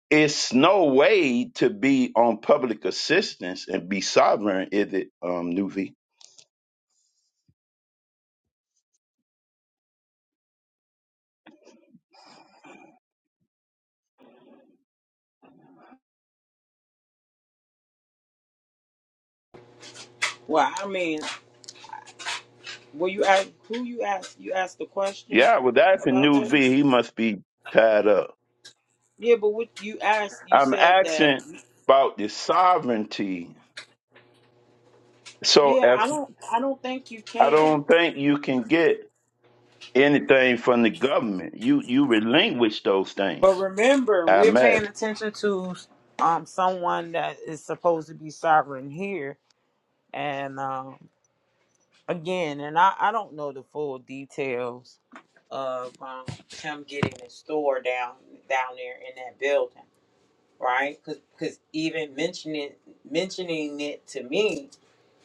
Speaker 2: It's no way to be on public assistance and be sovereign, is it, um, New V?
Speaker 1: Well, I mean, were you ask who you asked? You asked the question
Speaker 2: Yeah, well, that's a
Speaker 1: about
Speaker 2: New
Speaker 1: that.
Speaker 2: V.
Speaker 1: Miss-
Speaker 2: He must be tied up.
Speaker 1: Yeah, but what you asked, you
Speaker 2: I'm
Speaker 1: said that.
Speaker 2: asking about the sovereignty. So
Speaker 1: Yeah,
Speaker 2: if
Speaker 1: I don't, I don't think you
Speaker 2: I
Speaker 1: can.
Speaker 2: don't think you can get anything from the government. You you relinquish those
Speaker 1: But
Speaker 2: things.
Speaker 1: remember,
Speaker 2: I
Speaker 1: we're paying
Speaker 2: imagine.
Speaker 1: attention to um someone that is supposed to be sovereign here, and um again, and I I don't know the full details of um, him getting the store down down there in that building, right? Because even mentioning mentioning it to me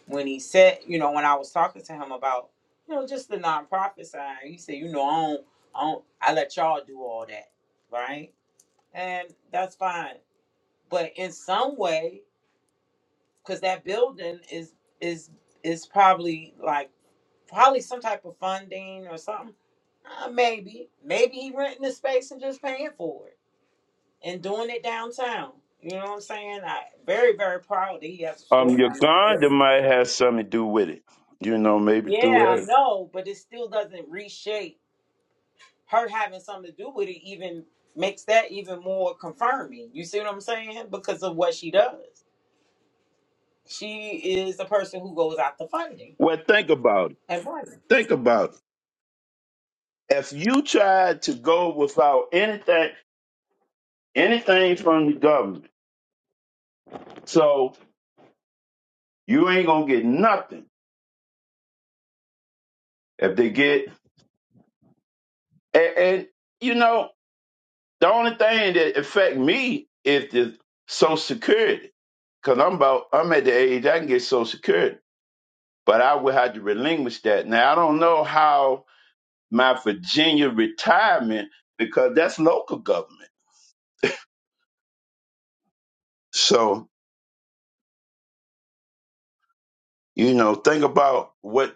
Speaker 1: when he said, you know, when I was talking to him about, you know, just the nonprofit side, he said, you know, I don't, I don't, I let y'all do all that, right? And that's fine but in some way because that building is is is probably like probably some type of funding or something uh, maybe maybe he renting the space and just paying for it and doing it downtown you know what i'm saying i very very proud that he has a
Speaker 2: Um,
Speaker 1: store down there
Speaker 2: Uganda
Speaker 1: Very-
Speaker 2: might have something to do with it. You know, maybe through
Speaker 1: yeah i
Speaker 2: her.
Speaker 1: know but it still doesn't reshape her having something to do with it even makes that even more confirming you see what i'm saying because of what she does she is a person who goes out to funding
Speaker 2: Well, think about it.
Speaker 1: Hey, boy,
Speaker 2: Think about it. If you tried to go without anything, anything from the government, so you ain't gonna get nothing if they get. And, and you know, the only thing that affect me is the Social Security, because I'm about I'm at the age I can get Social Security. but I would have to relinquish that. Now I don't know how my Virginia retirement because that's local government. So you know, think about what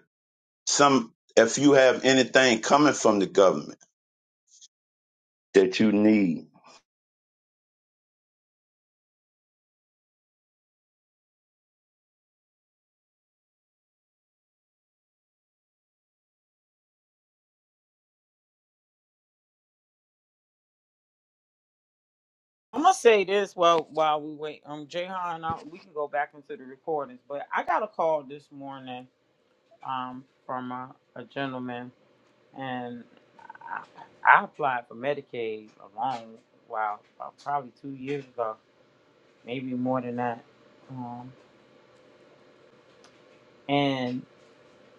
Speaker 2: some if you have anything coming from the government that you need.
Speaker 1: I'm gonna say this while while we wait. Um, Jayhan, and I, we can go back into the recordings, but I got a call this morning um from a, a gentleman, and I, I applied for Medicaid a long while, about probably two years ago, maybe more than that. Um, and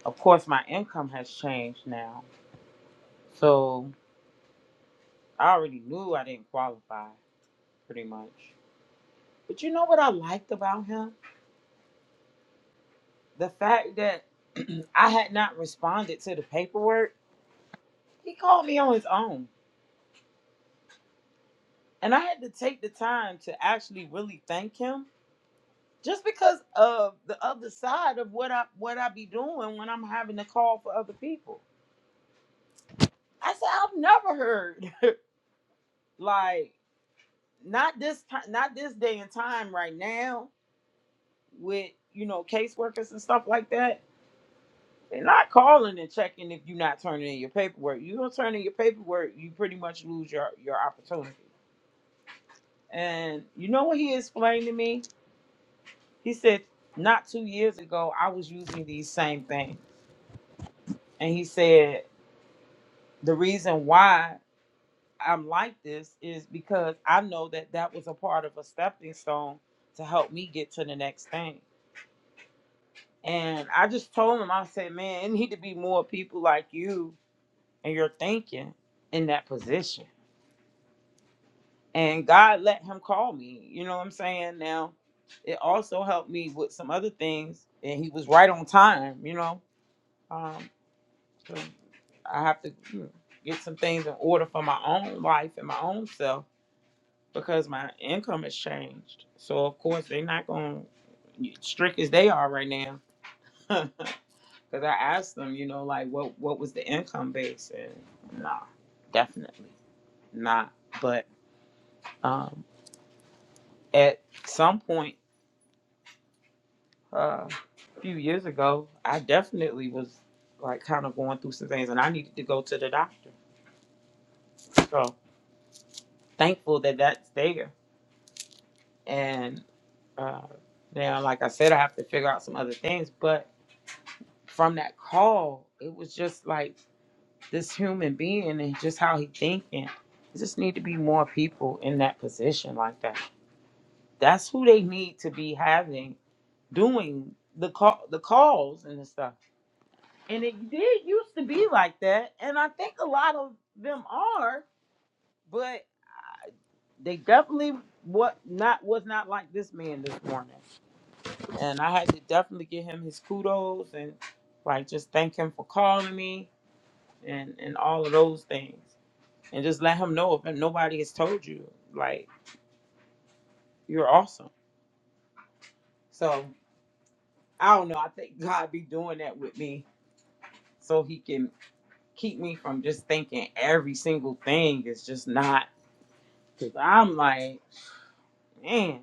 Speaker 1: of course, my income has changed now, so I already knew I didn't qualify, pretty much. But you know what I liked about him? the fact that I had not responded to the paperwork, he called me on his own. And I had to take the time to actually really thank him just because of the other side of what I what I be doing when I'm having to call for other people. I said, I've never heard like not this time not this day and time right now with you know caseworkers and stuff like that. They're not calling and checking if you're not turning in your paperwork. You don't turn in your paperwork, you pretty much lose your, your opportunity. And you know what he explained to me? He said, not two years ago, I was using these same things. And he said, the reason why I'm like this is because I know that that was a part of a stepping stone to help me get to the next thing. And I just told him, I said, man, it need to be more people like you and your thinking in that position. and God let him call me. You know what I'm saying? Now, it also helped me with some other things, and he was right on time. You know, um, so I have to you know, get some things in order for my own life and my own self because my income has changed. So of course they're not going strict as they are right now. Because I asked them, you know, like what what was the income base, and nah, definitely not. But um, at some point. uh, a few years ago, I definitely was like kind of going through some things, and I needed to go to the doctor. So thankful that that's there. And uh, now, like I said, I have to figure out some other things. But from that call, it was just like this human being and just how he thinking. There just need to be more people in that position like that. That's who they need to be having doing the call, the calls and the stuff And it did used to be like that, and I think a lot of them are, but they definitely what not was not like this man this morning. And I had to definitely give him his kudos and like just thank him for calling me and and all of those things, and just let him know if nobody has told you like you're awesome. So I don't know. I think God be doing that with me so He can keep me from just thinking every single thing is just not. Cause I'm like. man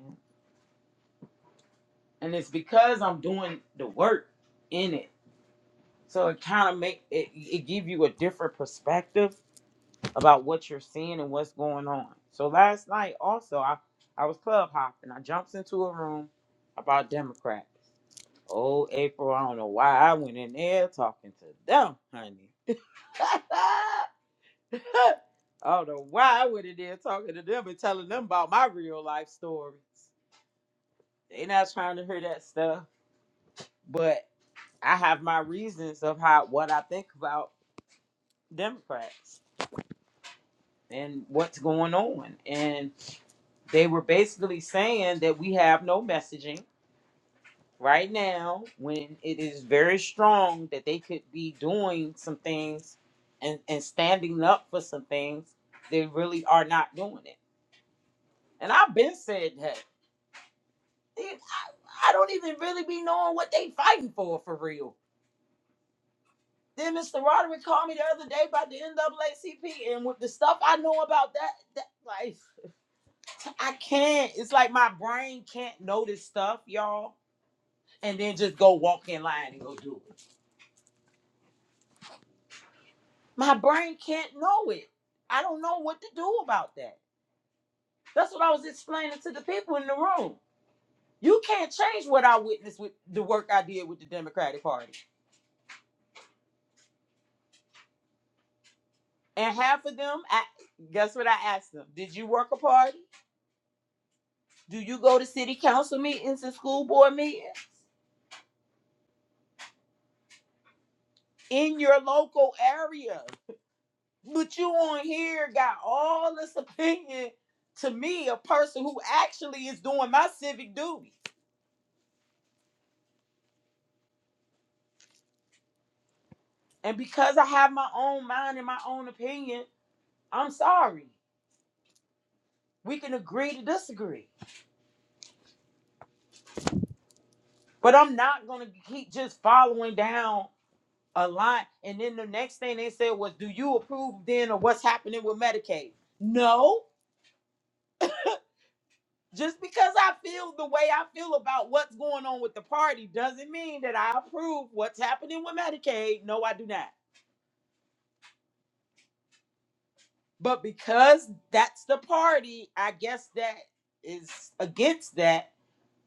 Speaker 1: and it's because i'm doing the work in it so it kind of make it, it give you a different perspective about what you're seeing and what's going on so last night also i i was club hopping i jumped into a room about democrats oh april i don't know why i went in there talking to them honey I don't know why I went in there talking to them and telling them about my real life stories. They not trying to hear that stuff, but. I have my reasons of how what I think about Democrats and what's going on. And they were basically saying that we have no messaging right now when it is very strong that they could be doing some things and, and standing up for some things they really are not doing it. And I've been said that. It- I don't even really be knowing what they fighting for for real. Then Mr. Roderick called me the other day about the NAACP and with the stuff I know about that, that like I can't. It's like my brain can't know this stuff, y'all, and then just go walk in line and go do it. My brain can't know it. I don't know what to do about that. That's what I was explaining to the people in the room. You can't change what I witnessed with the work I did with the Democratic Party. And half of them, I, guess what I asked them? Did you work a party? Do you go to city council meetings and school board meetings in your local area? But you on here got all this opinion to me, a person who actually is doing my civic duty. And because I have my own mind and my own opinion, I'm sorry. We can agree to disagree. But I'm not gonna keep just following down a line. And then the next thing they said was, Do you approve then of what's happening with Medicaid? No. Just because I feel the way I feel about what's going on with the party doesn't mean that I approve what's happening with Medicaid. No, I do not. But because that's the party, I guess that is against that,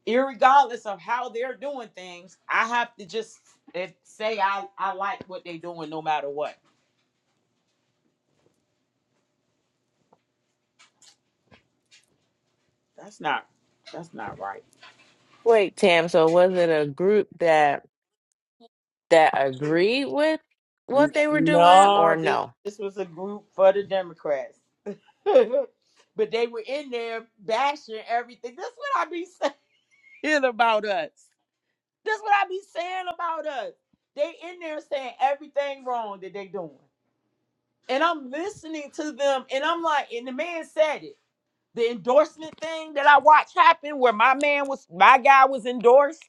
Speaker 1: irregardless of how they're doing things, I have to just eh, say I, I like what they're doing no matter what. That's not that's not right.
Speaker 6: Wait, Tam, so was it a group that that agreed with
Speaker 1: N-
Speaker 6: what they were doing
Speaker 1: No,
Speaker 6: or
Speaker 1: this,
Speaker 6: no?
Speaker 1: this was a group for the Democrats. but they were in there bashing everything. That's what I be saying about us. That's what I be saying about us. They in there saying everything wrong that they doing. And I'm listening to them and I'm like, and the man said it. The endorsement thing that I watched happen where my man was my guy was endorsed,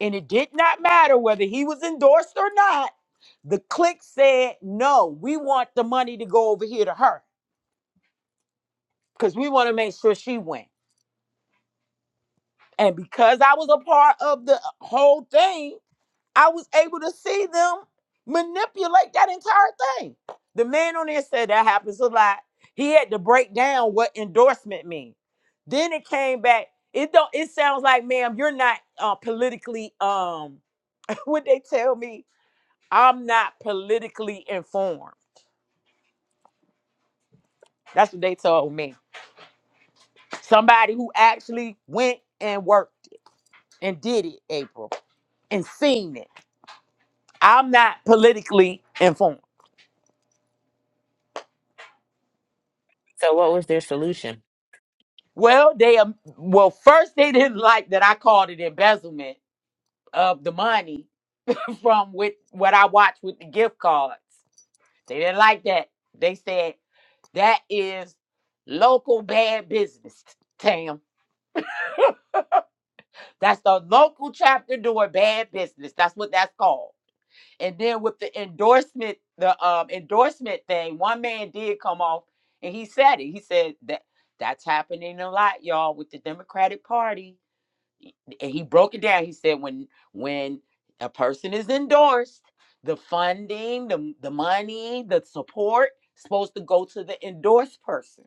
Speaker 1: and it did not matter whether he was endorsed or not. The clique said, no, we want the money to go over here to her because we want to make sure she wins. And because I was a part of the uh, whole thing, I was able to see them manipulate that entire thing. The man on there said that happens a lot. He had to break down what endorsement means. Then it came back. It don't. It sounds like, ma'am, you're not uh, politically. Um, what they tell me, I'm not politically informed. That's what they told me. Somebody who actually went and worked it and did it, April, and seen it. I'm not politically informed.
Speaker 6: So what was their solution?
Speaker 1: Well, they um, well first they didn't like that I called it embezzlement of the money from with what I watched with the gift cards. They didn't like that. They said that is local bad business, Tam. That's the local chapter doing bad business. That's what that's called. And then with the endorsement, the um endorsement thing, one man did come off and he said it. He said that that's happening a lot, y'all, with the Democratic Party. And he broke it down. He said when when a person is endorsed, the funding, the the money, the support supposed to go to the endorsed person.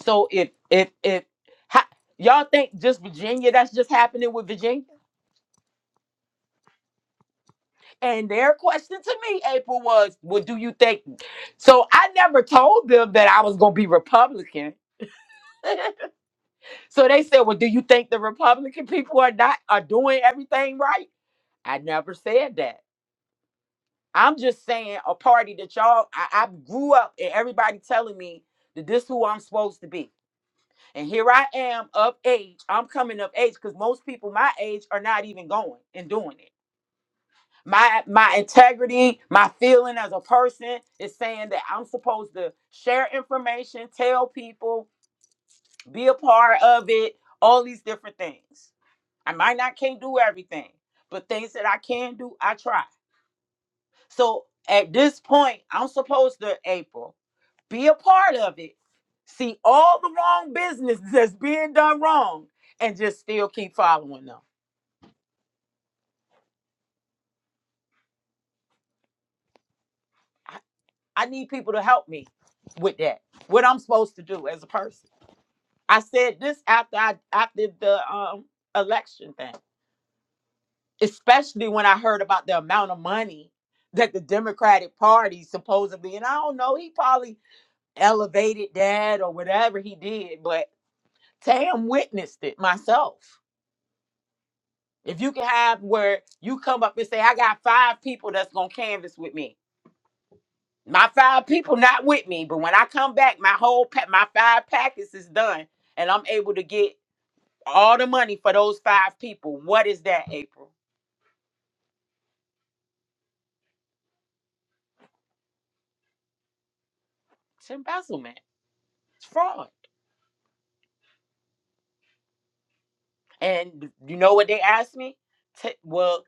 Speaker 1: So if if if ha, y'all think just Virginia, that's just happening with Virginia And their question to me, April, was, "What do you think? So I never told them that I was going to be Republican. so they said, Well, do you think the Republican people are not are doing everything right? I never said that. I'm just saying a party that y'all I, I grew up and everybody telling me that this who I'm supposed to be. And here I am of age. I'm coming of age because most people my age are not even going and doing it. my my integrity my feeling as a person is saying that i'm supposed to share information tell people be a part of it all these different things i might not can't do everything but things that i can do i try so at this point i'm supposed to april be a part of it see all the wrong business that's being done wrong and just still keep following them i, I need people to help me with that what i'm supposed to do as a person I said this after I after the um election thing, especially when I heard about the amount of money that the Democratic Party supposedly, and I don't know, he probably elevated that or whatever he did, but Tam witnessed it myself. If you can have where you come up and say, I got five people that's gonna canvas with me. My five people not with me, but when I come back, my whole pack, my five packets is done, and I'm able to get all the money for those five people. What is that, April? It's embezzlement. It's fraud. And you know what they asked me? T- well,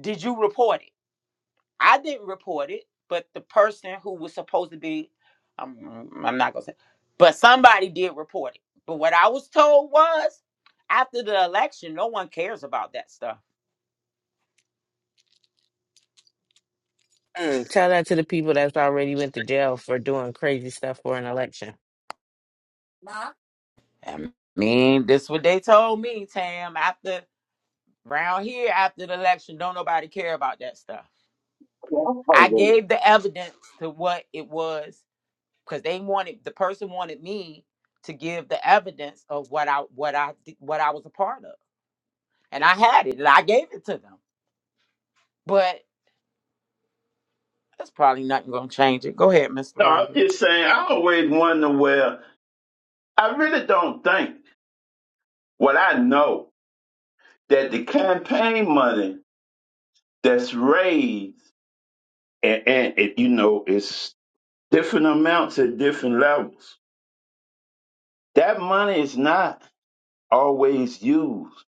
Speaker 1: did you report it? I didn't report it, but the person who was supposed to be, I'm, I'm not gonna say, but somebody did report it. But what I was told was, after the election, no one cares about that stuff.
Speaker 6: Mm, tell that to the people that's already went to jail for doing crazy stuff for an election.
Speaker 1: I mean, this what they told me, Tam. After round here, after the election, don't nobody care about that stuff.
Speaker 2: Well, I
Speaker 1: I
Speaker 2: always-
Speaker 1: gave the evidence to what it was because they wanted the person wanted me to give the evidence of what I what I d- what I was a part of, and I had it and I gave it to them. But that's probably not going to change it. Go ahead, Mr.
Speaker 2: No, I'm
Speaker 1: Roderick.
Speaker 2: just saying. I always wonder where I really don't think. Well, I know that the campaign money that's raised and, and it, you know it's different amounts at different levels That money is not always used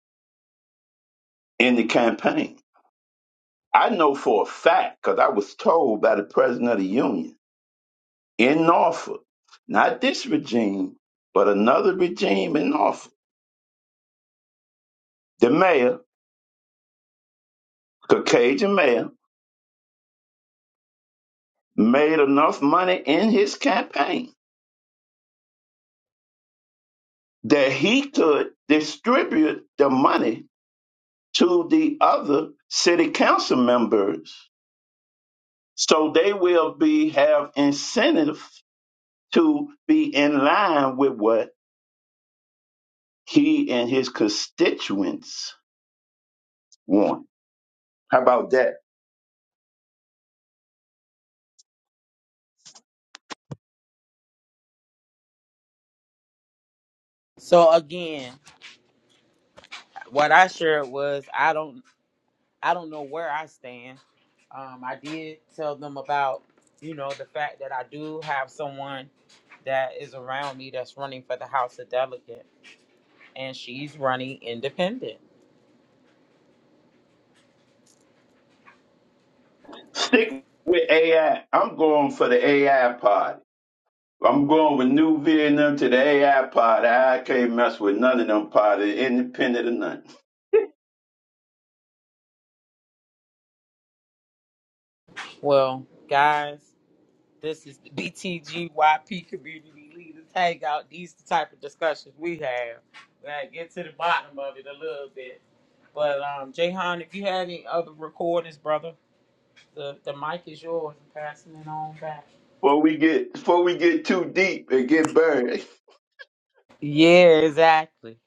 Speaker 2: in the campaign. I know for a fact, because I was told by the president of the union in Norfolk, not this regime, but another regime in Norfolk, the mayor, Caucasian mayor, made enough money in his campaign that he could distribute the money to the other city council members so they will be have incentive to be in line with what he and his constituents want. How about that?
Speaker 1: So again, what I shared was I don't I don't know where I stand. Um, I did tell them about you know the fact that I do have someone that is around me that's running for the House of Delegate, and she's running independent.
Speaker 2: Stick with AI. I'm going for the AI party. I'm going with New Vietnam to the AI party. I can't mess with none of them parties, independent of none.
Speaker 1: Well, guys, this is the BTGYP Community Leaders Hangout. These the type of discussions we have. We gotta get to the bottom of it a little bit. But um, Jayhan, if you had any other recordings, brother, the, the mic is yours. I'm passing it on back.
Speaker 2: Before we get before we get too deep and get buried.
Speaker 1: Yeah, exactly.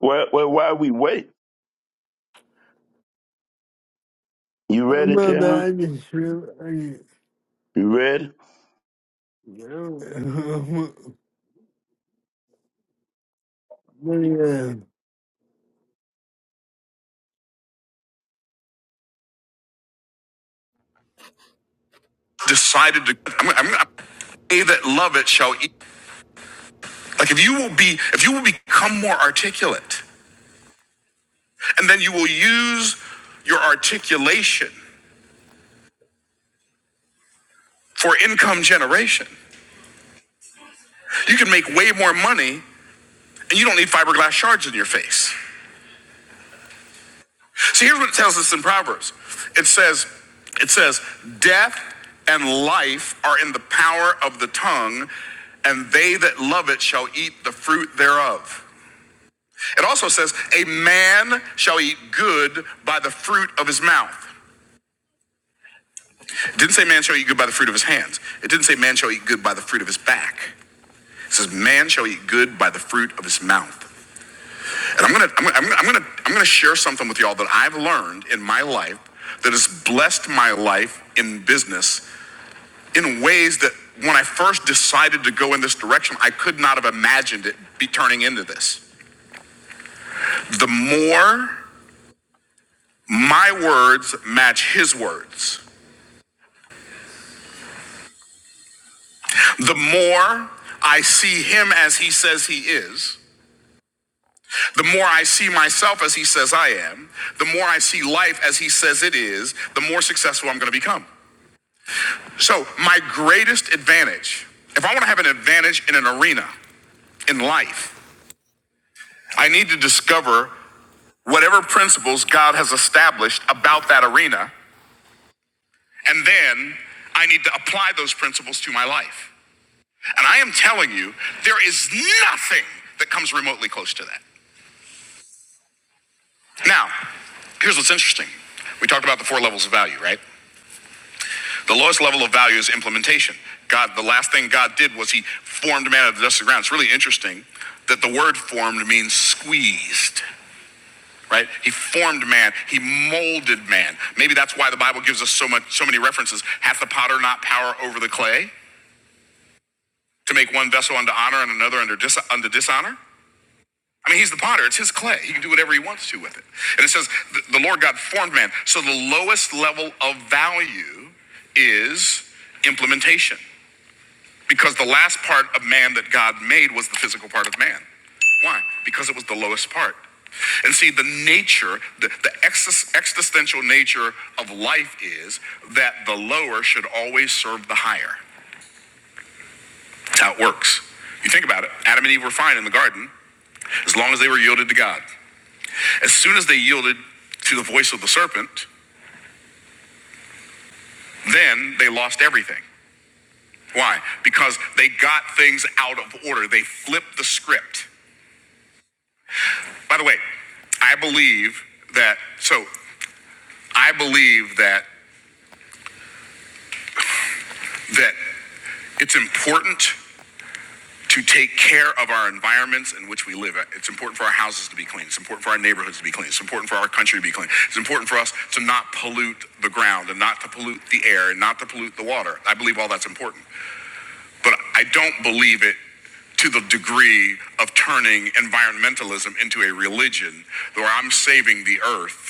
Speaker 2: Well, well, while we wait, you
Speaker 3: I'm
Speaker 2: ready,
Speaker 3: about
Speaker 2: Jayhan?
Speaker 3: to feel I just,
Speaker 2: You ready?
Speaker 3: you know, but yeah. Decided to. I'm, I'm, I'm, they that love it shall eat. Like if you will be, if you will become more articulate. And then you will use your articulation for income generation. You can make way more money and you don't need fiberglass shards in your face. So here's what it tells us in Proverbs. It says, it says, death and life are in the power of the tongue, and they that love it shall eat the fruit thereof. It also says, a man shall eat good by the fruit of his mouth. It didn't say man shall eat good by the fruit of his hands. It didn't say man shall eat good by the fruit of his back. It says man shall eat good by the fruit of his mouth. And I'm gonna, I'm gonna, I'm gonna, I'm gonna, I'm gonna share something with y'all that I've learned in my life that has blessed my life in business in ways that when I first decided to go in this direction, I could not have imagined it be turning into this. The more my words match his words, the more I see him as he says he is, The more I see myself as he says I am, the more I see life as he says it is, the more successful I'm going to become. So, my greatest advantage, if I want to have an advantage in an arena in life, I need to discover whatever principles God has established about that arena, and then I need to apply those principles to my life. And I am telling you, there is nothing that comes remotely close to that. Now, here's what's interesting. We talked about the four levels of value, right? The lowest level of value is implementation. God, the last thing God did was He formed man out of the dust of the ground. It's really interesting that the word formed means squeezed, right? He formed man, He molded man. Maybe that's why the Bible gives us so much, so many references. Hath the potter not power over the clay to make one vessel unto honor and another under dis- unto dishonor? I mean, he's the potter. It's his clay. He can do whatever he wants to with it. And it says, the the Lord God formed man. So the lowest level of value is implementation. Because the last part of man that God made was the physical part of man. Why? Because it was the lowest part. And see, the nature, the, the existential nature of life is that the lower should always serve the higher. That's how it works. You think about it Adam and Eve were fine in the garden as long as they were yielded to God. As soon as they yielded to the voice of the serpent, then they lost everything. Why? Because they got things out of order, they flipped the script. By the way, I believe that, so I believe that, that it's important to take care of our environments in which we live. Uh, It's important for our houses to be clean. It's important for our neighborhoods to be clean. It's important for our country to be clean. It's important for us to not pollute the ground and not to pollute the air and not to pollute the water. I believe all that's important. But I don't believe it to the degree of turning environmentalism into a religion where I'm saving the earth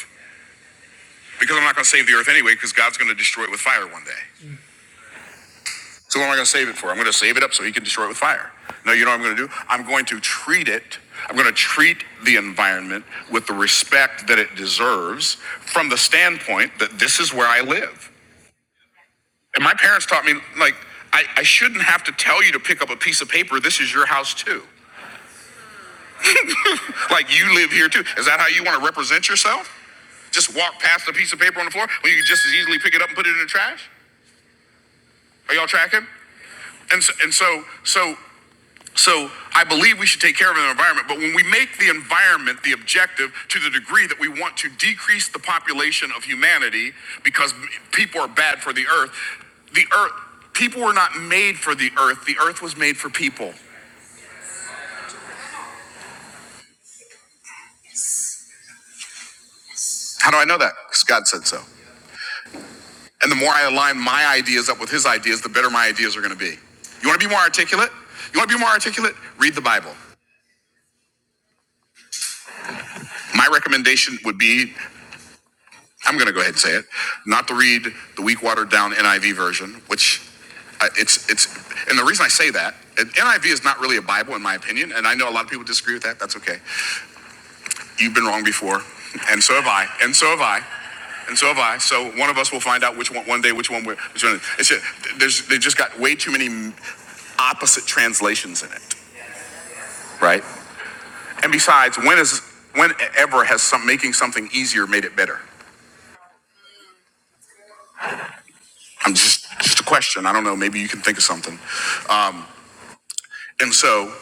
Speaker 3: Because I'm not going to save the earth anyway, because God's going to destroy it with fire one day. So what am I going to save it for? I'm going to save it up so he can destroy it with fire. No, you know what I'm going to do? I'm going to treat it, I'm going to treat the environment with the respect that it deserves from the standpoint that this is where I live. And my parents taught me, like, I, I shouldn't have to tell you to pick up a piece of paper. This is your house too. Like, you live here too. Is that how you want to represent yourself? Just walk past a piece of paper on the floor when you could just as easily pick it up and put it in the trash? Are y'all tracking? And so, and so, so, so I believe we should take care of the environment. But when we make the environment the objective to the degree that we want to decrease the population of humanity because people are bad for the earth, the earth, people were not made for the earth. The earth was made for people. How do I know that? Because God said so. And the more I align my ideas up with his ideas, the better my ideas are going to be. You want to be more articulate? You want to be more articulate? Read the Bible. My recommendation would be I'm going to go ahead and say it, not to read the weak watered down NIV version, which I, it's it's and the reason I say that uh, NIV is not really a Bible in my opinion, and I know a lot of people disagree with that. That's okay. You've been wrong before, and so have I, and so have I, and so have I. So one of us will find out which one one day, which one we're. Which one, it's just, there's they just got way too many opposite translations in it, right? And besides, when is when ever has some making something easier made it better? I'm just just a question. I don't know. Maybe you can think of something. Um, And so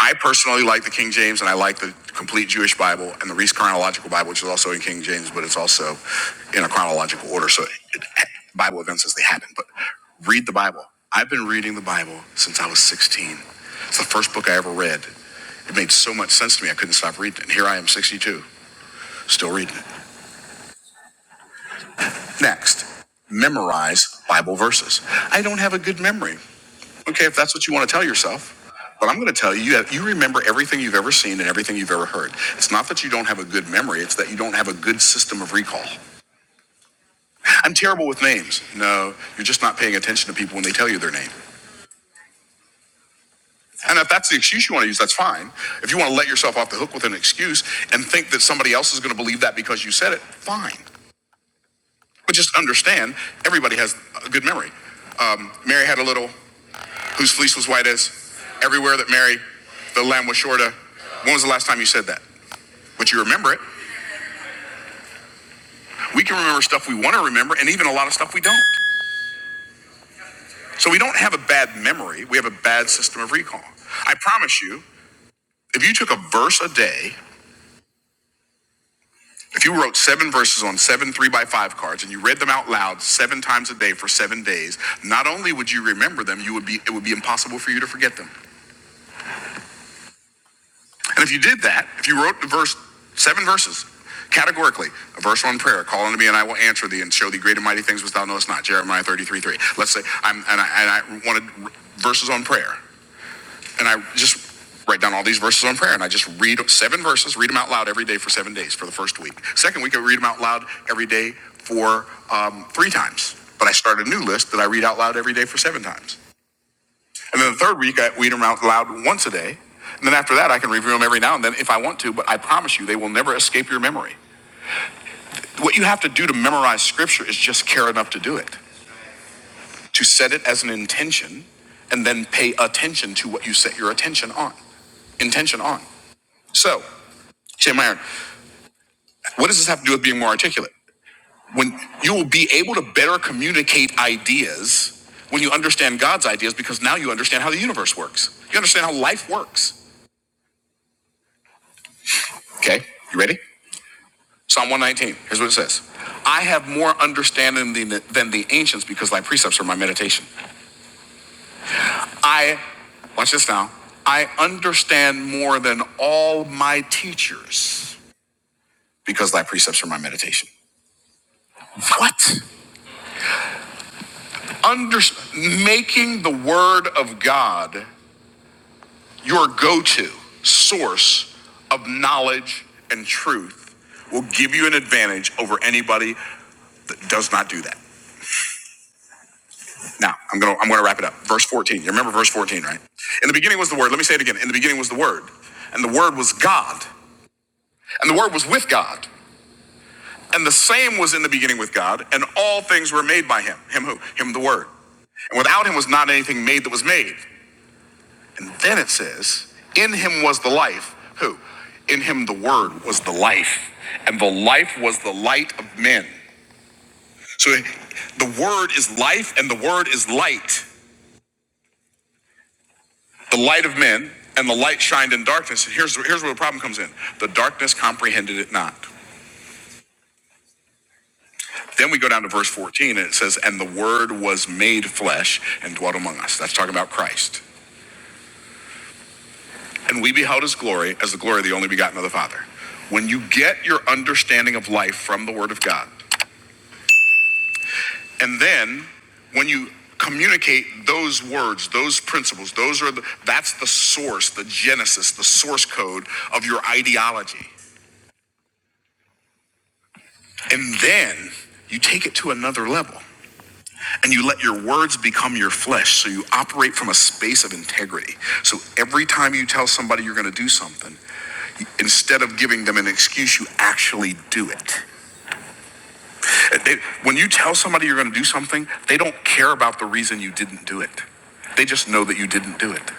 Speaker 3: I personally like the King James and I like the complete Jewish Bible and the Reese Chronological Bible, which is also in King James, but it's also in a chronological order. So it, Bible events as they happen. But read the Bible. I've been reading the Bible since I was 16. It's the first book I ever read. It made so much sense to me, I couldn't stop reading it. And here I am, 62, still reading it. Next, memorize Bible verses. I don't have a good memory. Okay, if that's what you want to tell yourself. But I'm going to tell you, you, have, you remember everything you've ever seen and everything you've ever heard. It's not that you don't have a good memory, it's that you don't have a good system of recall. I'm terrible with names. No, you're just not paying attention to people when they tell you their name. And if that's the excuse you want to use, that's fine. If you want to let yourself off the hook with an excuse and think that somebody else is going to believe that because you said it, fine. But just understand everybody has a good memory. Um, Mary had a little. whose fleece was white as everywhere that Mary, the lamb was short of. When was the last time you said that? But you remember it. We can remember stuff we want to remember and even a lot of stuff we don't. So we don't have a bad memory, we have a bad system of recall. I promise you, if you took a verse a day, if you wrote seven verses on seven three by five cards and you read them out loud seven times a day for seven days, not only would you remember them, you would be it would be impossible for you to forget them. And if you did that, if you wrote the verse, seven verses, categorically, a verse on prayer, call unto me and I will answer thee and show thee great and mighty things which thou knowest not, Jeremiah 33, 3. Let's say, I'm, and I, and I wanted verses on prayer. And I just write down all these verses on prayer and I just read seven verses, read them out loud every day for seven days for the first week. Second week, I read them out loud every day for um, three times. But I started a new list that I read out loud every day for seven times. And then the third week, I read them out loud once a day. And then after that, I can review them every now and then if I want to, but I promise you, they will never escape your memory. What you have to do to memorize scripture is just care enough to do it, to set it as an intention, and then pay attention to what you set your attention on. Intention on. So, Shane Meyer, what does this have to do with being more articulate? When you will be able to better communicate ideas when you understand God's ideas because now you understand how the universe works. You understand how life works. Okay, you ready? Psalm 119, here's what it says I have more understanding than the, ancients because thy precepts are my meditation. I, watch this now, I understand more than all my teachers because thy precepts are my meditation. What? Under, making the word of God your go to source of knowledge and truth will give you an advantage over anybody that does not do that. Now, I'm going to I'm going to wrap it up. Verse 14. You remember verse 14, right? In the beginning was the word. Let me say it again. In the beginning was the word, and the word was God, and the word was with God, and the same was in the beginning with God, and all things were made by him. Him who? Him the word. And without him was not anything made that was made. And then it says, in him was the life. Who? In him the word was the life, and the life was the light of men. So the word is life and the word is light. the light of men and the light shined in darkness and here's, here's where the problem comes in the darkness comprehended it not then we go down to verse 14 and it says and the word was made flesh and dwelt among us that's talking about christ and we beheld his glory as the glory of the only begotten of the father when you get your understanding of life from the word of god and then when you communicate those words those principles those are the, that's the source the genesis the source code of your ideology And then you take it to another level and you let your words become your flesh. So you operate from a space of integrity. So every time you tell somebody you're going to do something, instead of giving them an excuse, you actually do it. They- when you tell somebody you're going to do something, they don't care about the reason you didn't do it. They just know that you didn't do it.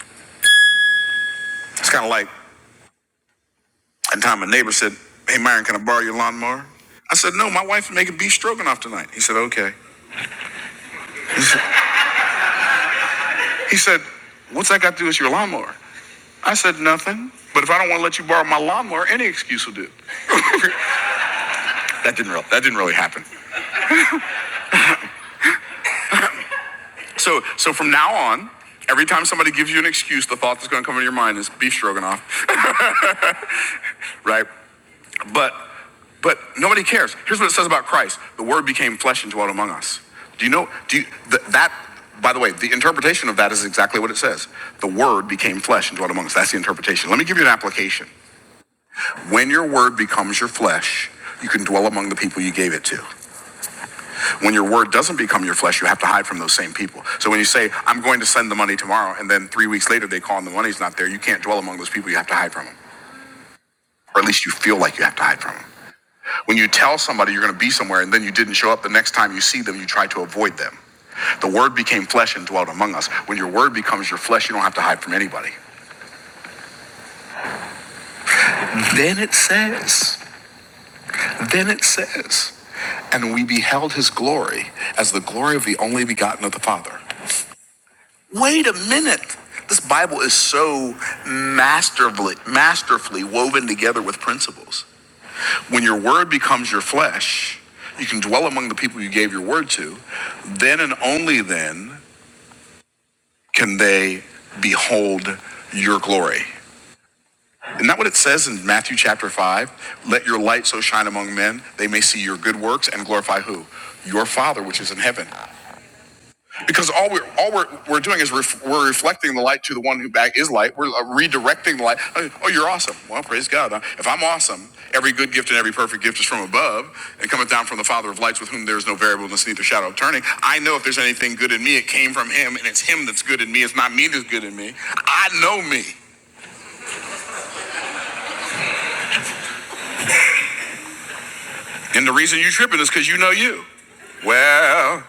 Speaker 3: It's kind of like one time a neighbor said, Hey, Myron, can I borrow your lawnmower? I said, No, my wife's making beef stroganoff tonight. He said, Okay. He said, What's that got to do with your lawnmower? I said, Nothing. But if I don't want to let you borrow my lawnmower, any excuse will do. that didn't real, that didn't really happen. So so from now on, every time somebody gives you an excuse, the thought that's gonna come into your mind is beef stroganoff. right? But but nobody cares. Here's what it says about Christ: the Word became flesh and dwelt among us. Do you know? Do you, th- that? By the way, the interpretation of that is exactly what it says: the Word became flesh and dwelt among us. That's the interpretation. Let me give you an application. When your word becomes your flesh, you can dwell among the people you gave it to. When your word doesn't become your flesh, you have to hide from those same people. So when you say, I'm going to send the money tomorrow, and then three weeks later they call and the money's not there, you can't dwell among those people. You have to hide from them. Or at least you feel like you have to hide from them. When you tell somebody you're going to be somewhere and then you didn't show up, the next time you see them, you try to avoid them. The word became flesh and dwelt among us. When your word becomes your flesh, you don't have to hide from anybody. Then it says, Then it says, and we beheld his glory as the glory of the only begotten of the Father. Wait a minute. This Bible is so masterfully, masterfully woven together with principles. When your word becomes your flesh, you can dwell among the people you gave your word to. Then and only then can they behold your glory. Isn't that what it says in Matthew chapter 5? Let your light so shine among men, they may see your good works and glorify who? Your Father which is in heaven. because all we're all we're, we're doing is ref, we're reflecting the light to the one who back is light. We're uh, redirecting the light. Oh, oh, you're awesome. Well, praise God. Uh, If I'm awesome, every good gift and every perfect gift is from above and cometh down from the Father of lights, with whom there is no variableness, neither shadow of turning. I know if there's anything good in me, it came from Him, and it's Him that's good in me. It's not me that's good in me. I know me, and the reason you are tripping is because you know you. Well,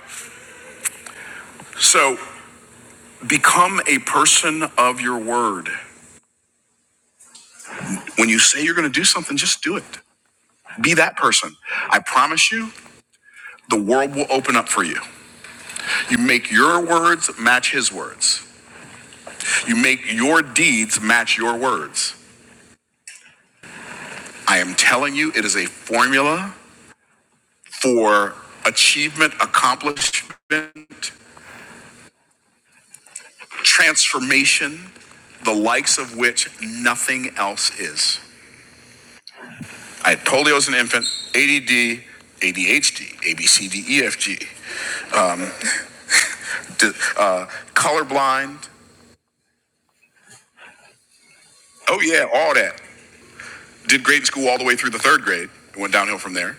Speaker 3: so become a person of your word. When you say you're going to do something, just do it. Be that person. I promise you, the world will open up for you. You make your words match his words, you make your deeds match your words. I am telling you, it is a formula for achievement, accomplishment, transformation, the likes of which nothing else is. I had polio as an infant, ADD, ADHD, ABCDEFG, um, d- uh, colorblind. Oh, yeah, all that. Did great in school all the way through the third grade. It went downhill from there.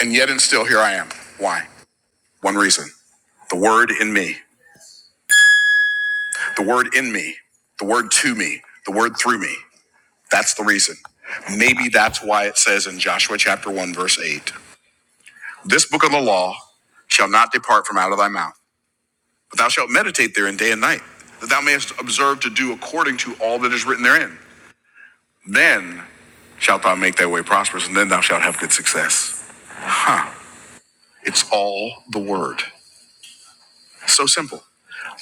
Speaker 3: And yet and still here I am. Why? One reason. The word in me. The word in me. The word to me. The word through me. That's the reason. Maybe that's why it says in Joshua chapter 1 verse 8, this book of the law shall not depart from out of thy mouth, but thou shalt meditate therein day and night, that thou mayest observe to do according to all that is written therein. Then shalt thou make thy way prosperous, and then thou shalt have good success. It's all the word. So simple.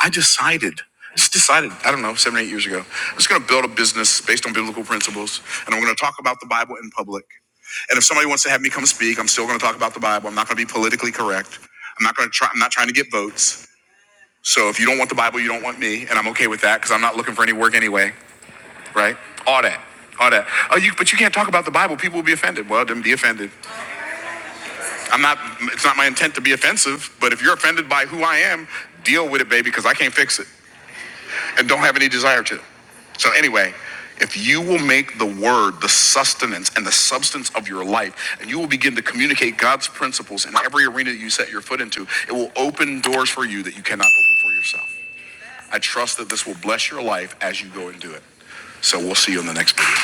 Speaker 3: I decided, just decided, I don't know, seven, eight years ago, I'm just going to build a business based on biblical principles, and I'm going to talk about the Bible in public. And if somebody wants to have me come speak, I'm still going to talk about the Bible. I'm not going to be politically correct. I'm not going to try. I'm not trying to get votes. So if you don't want the Bible, you don't want me, and I'm okay with that because I'm not looking for any work anyway, right? All that. All that. Oh, you, but you can't talk about the Bible. People will be offended. Well, then be offended. I'm not. It's not my intent to be offensive. But if you're offended by who I am, deal with it, baby, because I can't fix it. and don't have any desire to. So, anyway, if you will make the word the sustenance and the substance of your life, and you will begin to communicate God's principles in every arena that you set your foot into, it will open doors for you that you cannot open for yourself. I trust that this will bless your life as you go and do it. So, we'll see you in the next video.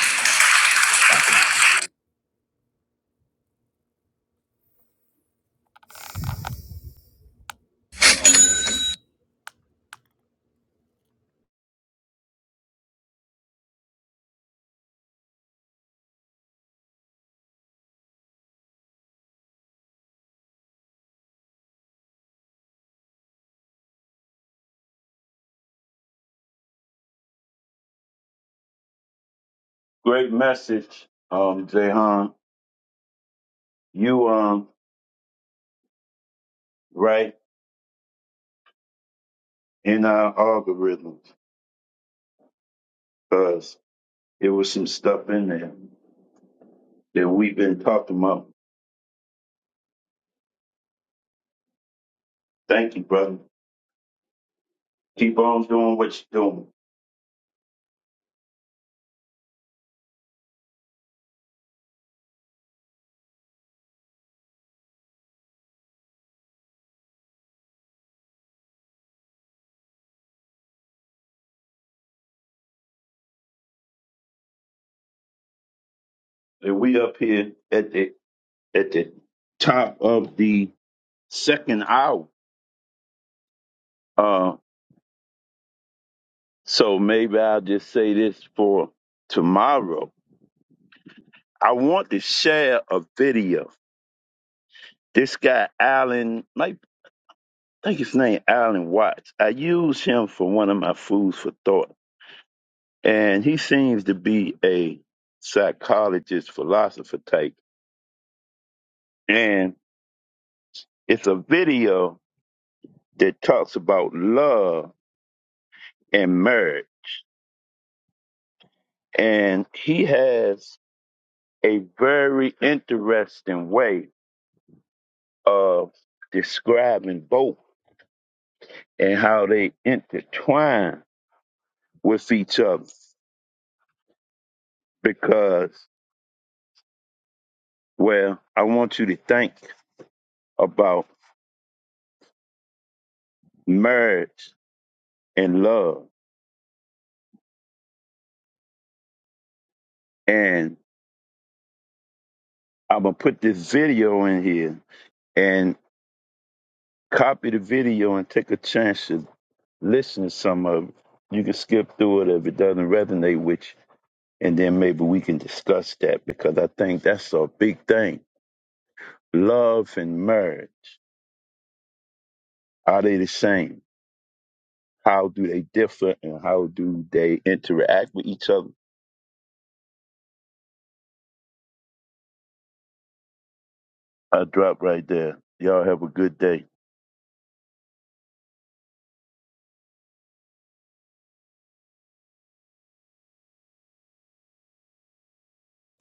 Speaker 2: Great message, um, Jayhan. You um right in our algorithms. because it was some stuff in there that we've been talking about. Thank you, brother. Keep on doing what you're doing. And we up here at the at the top of the second hour. Uh, so maybe I'll just say this for tomorrow. I want to share a video. This guy Allen, might I think his name Allen Watts. I used him for one of my foods for thought and he seems to be a psychologist philosopher type and it's a video that talks about love and marriage and he has a very interesting way of describing both and how they intertwine with each other because well i want you to think about marriage and love and i'm gonna put this video in here and copy the video and take a chance to listen to some of it. You can skip through it if it doesn't resonate with you, and then maybe we can discuss that because I think that's a big thing. Love and marriage are they the same? How do they differ, and how do they interact with each other? I drop right there. Y'all have a good day.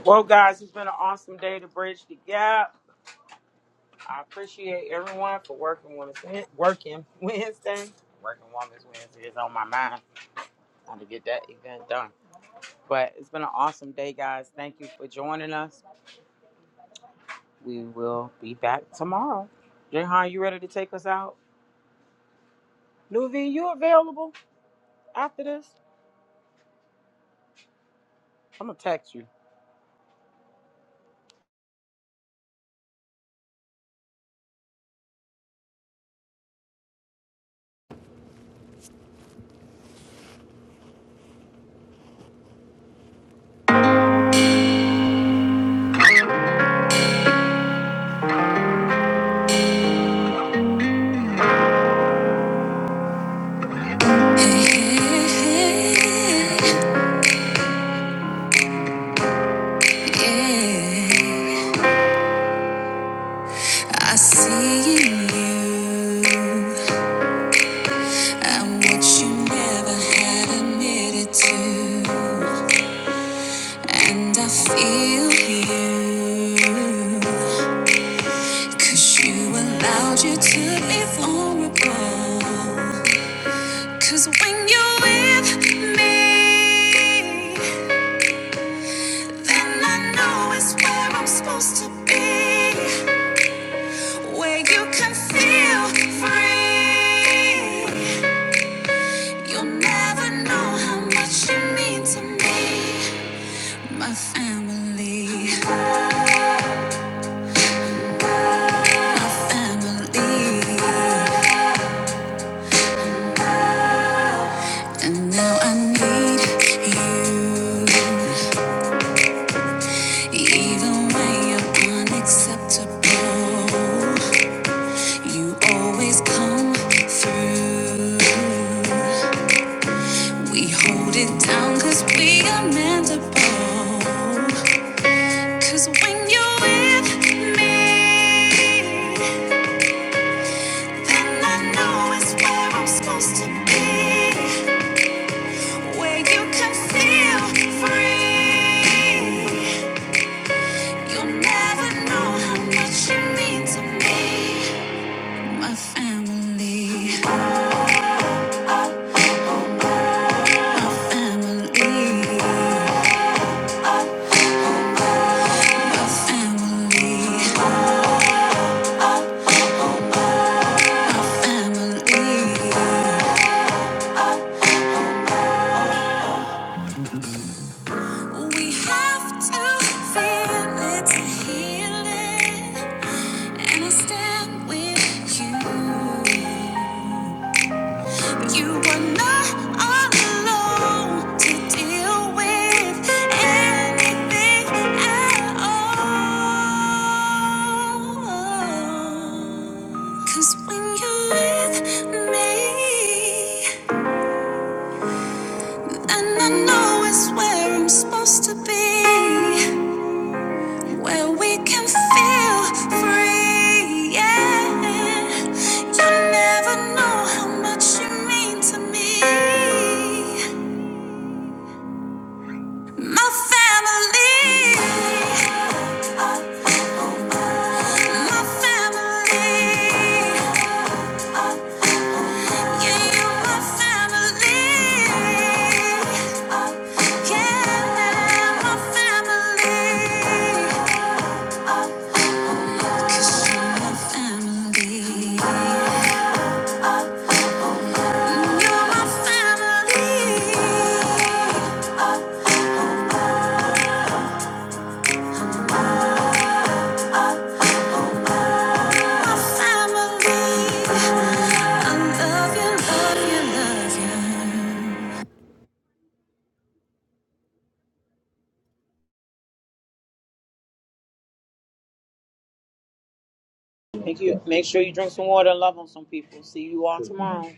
Speaker 1: Well, guys, it's been an awesome day to bridge the gap. I appreciate everyone for working Women's Wed- working Wednesday. Working Women's Wednesday is on my mind. Trying to get that event done. But it's been an awesome day, guys. Thank you for joining us. We will be back tomorrow. Jehan, you ready to take us out? Nuveen, you available after this? I'm gonna text you.
Speaker 3: I see you, i what you never had admitted to. And I feel you, 'cause you allowed you to be vulnerable. 'Cause when you're with me, then I know it's where I'm supposed to be. Where you can feel free. You'll never know how much you mean to me. My family, my family. And now I need you, even when you're unacceptable. You always come through. We hold it down cause we are mendable. Cause when you're with me, then I know it's where I'm supposed to be. Where you can feel free. You'll never know how much you mean to me. My family, family, family, family. We have to feel it to heal it. And I stand with you. You were not alone to deal with anything at all. 'Cause when you're with me, and I know it's where I'm supposed to be, where we can feel free. Yeah, you never know how much you mean to me. My family, my family, yeah, you're my family, yeah, my family, 'Cause you're my family, you're my family, my family. I love you, love you, love you.
Speaker 1: Make you make sure you drink some water and love on some people. See you all tomorrow.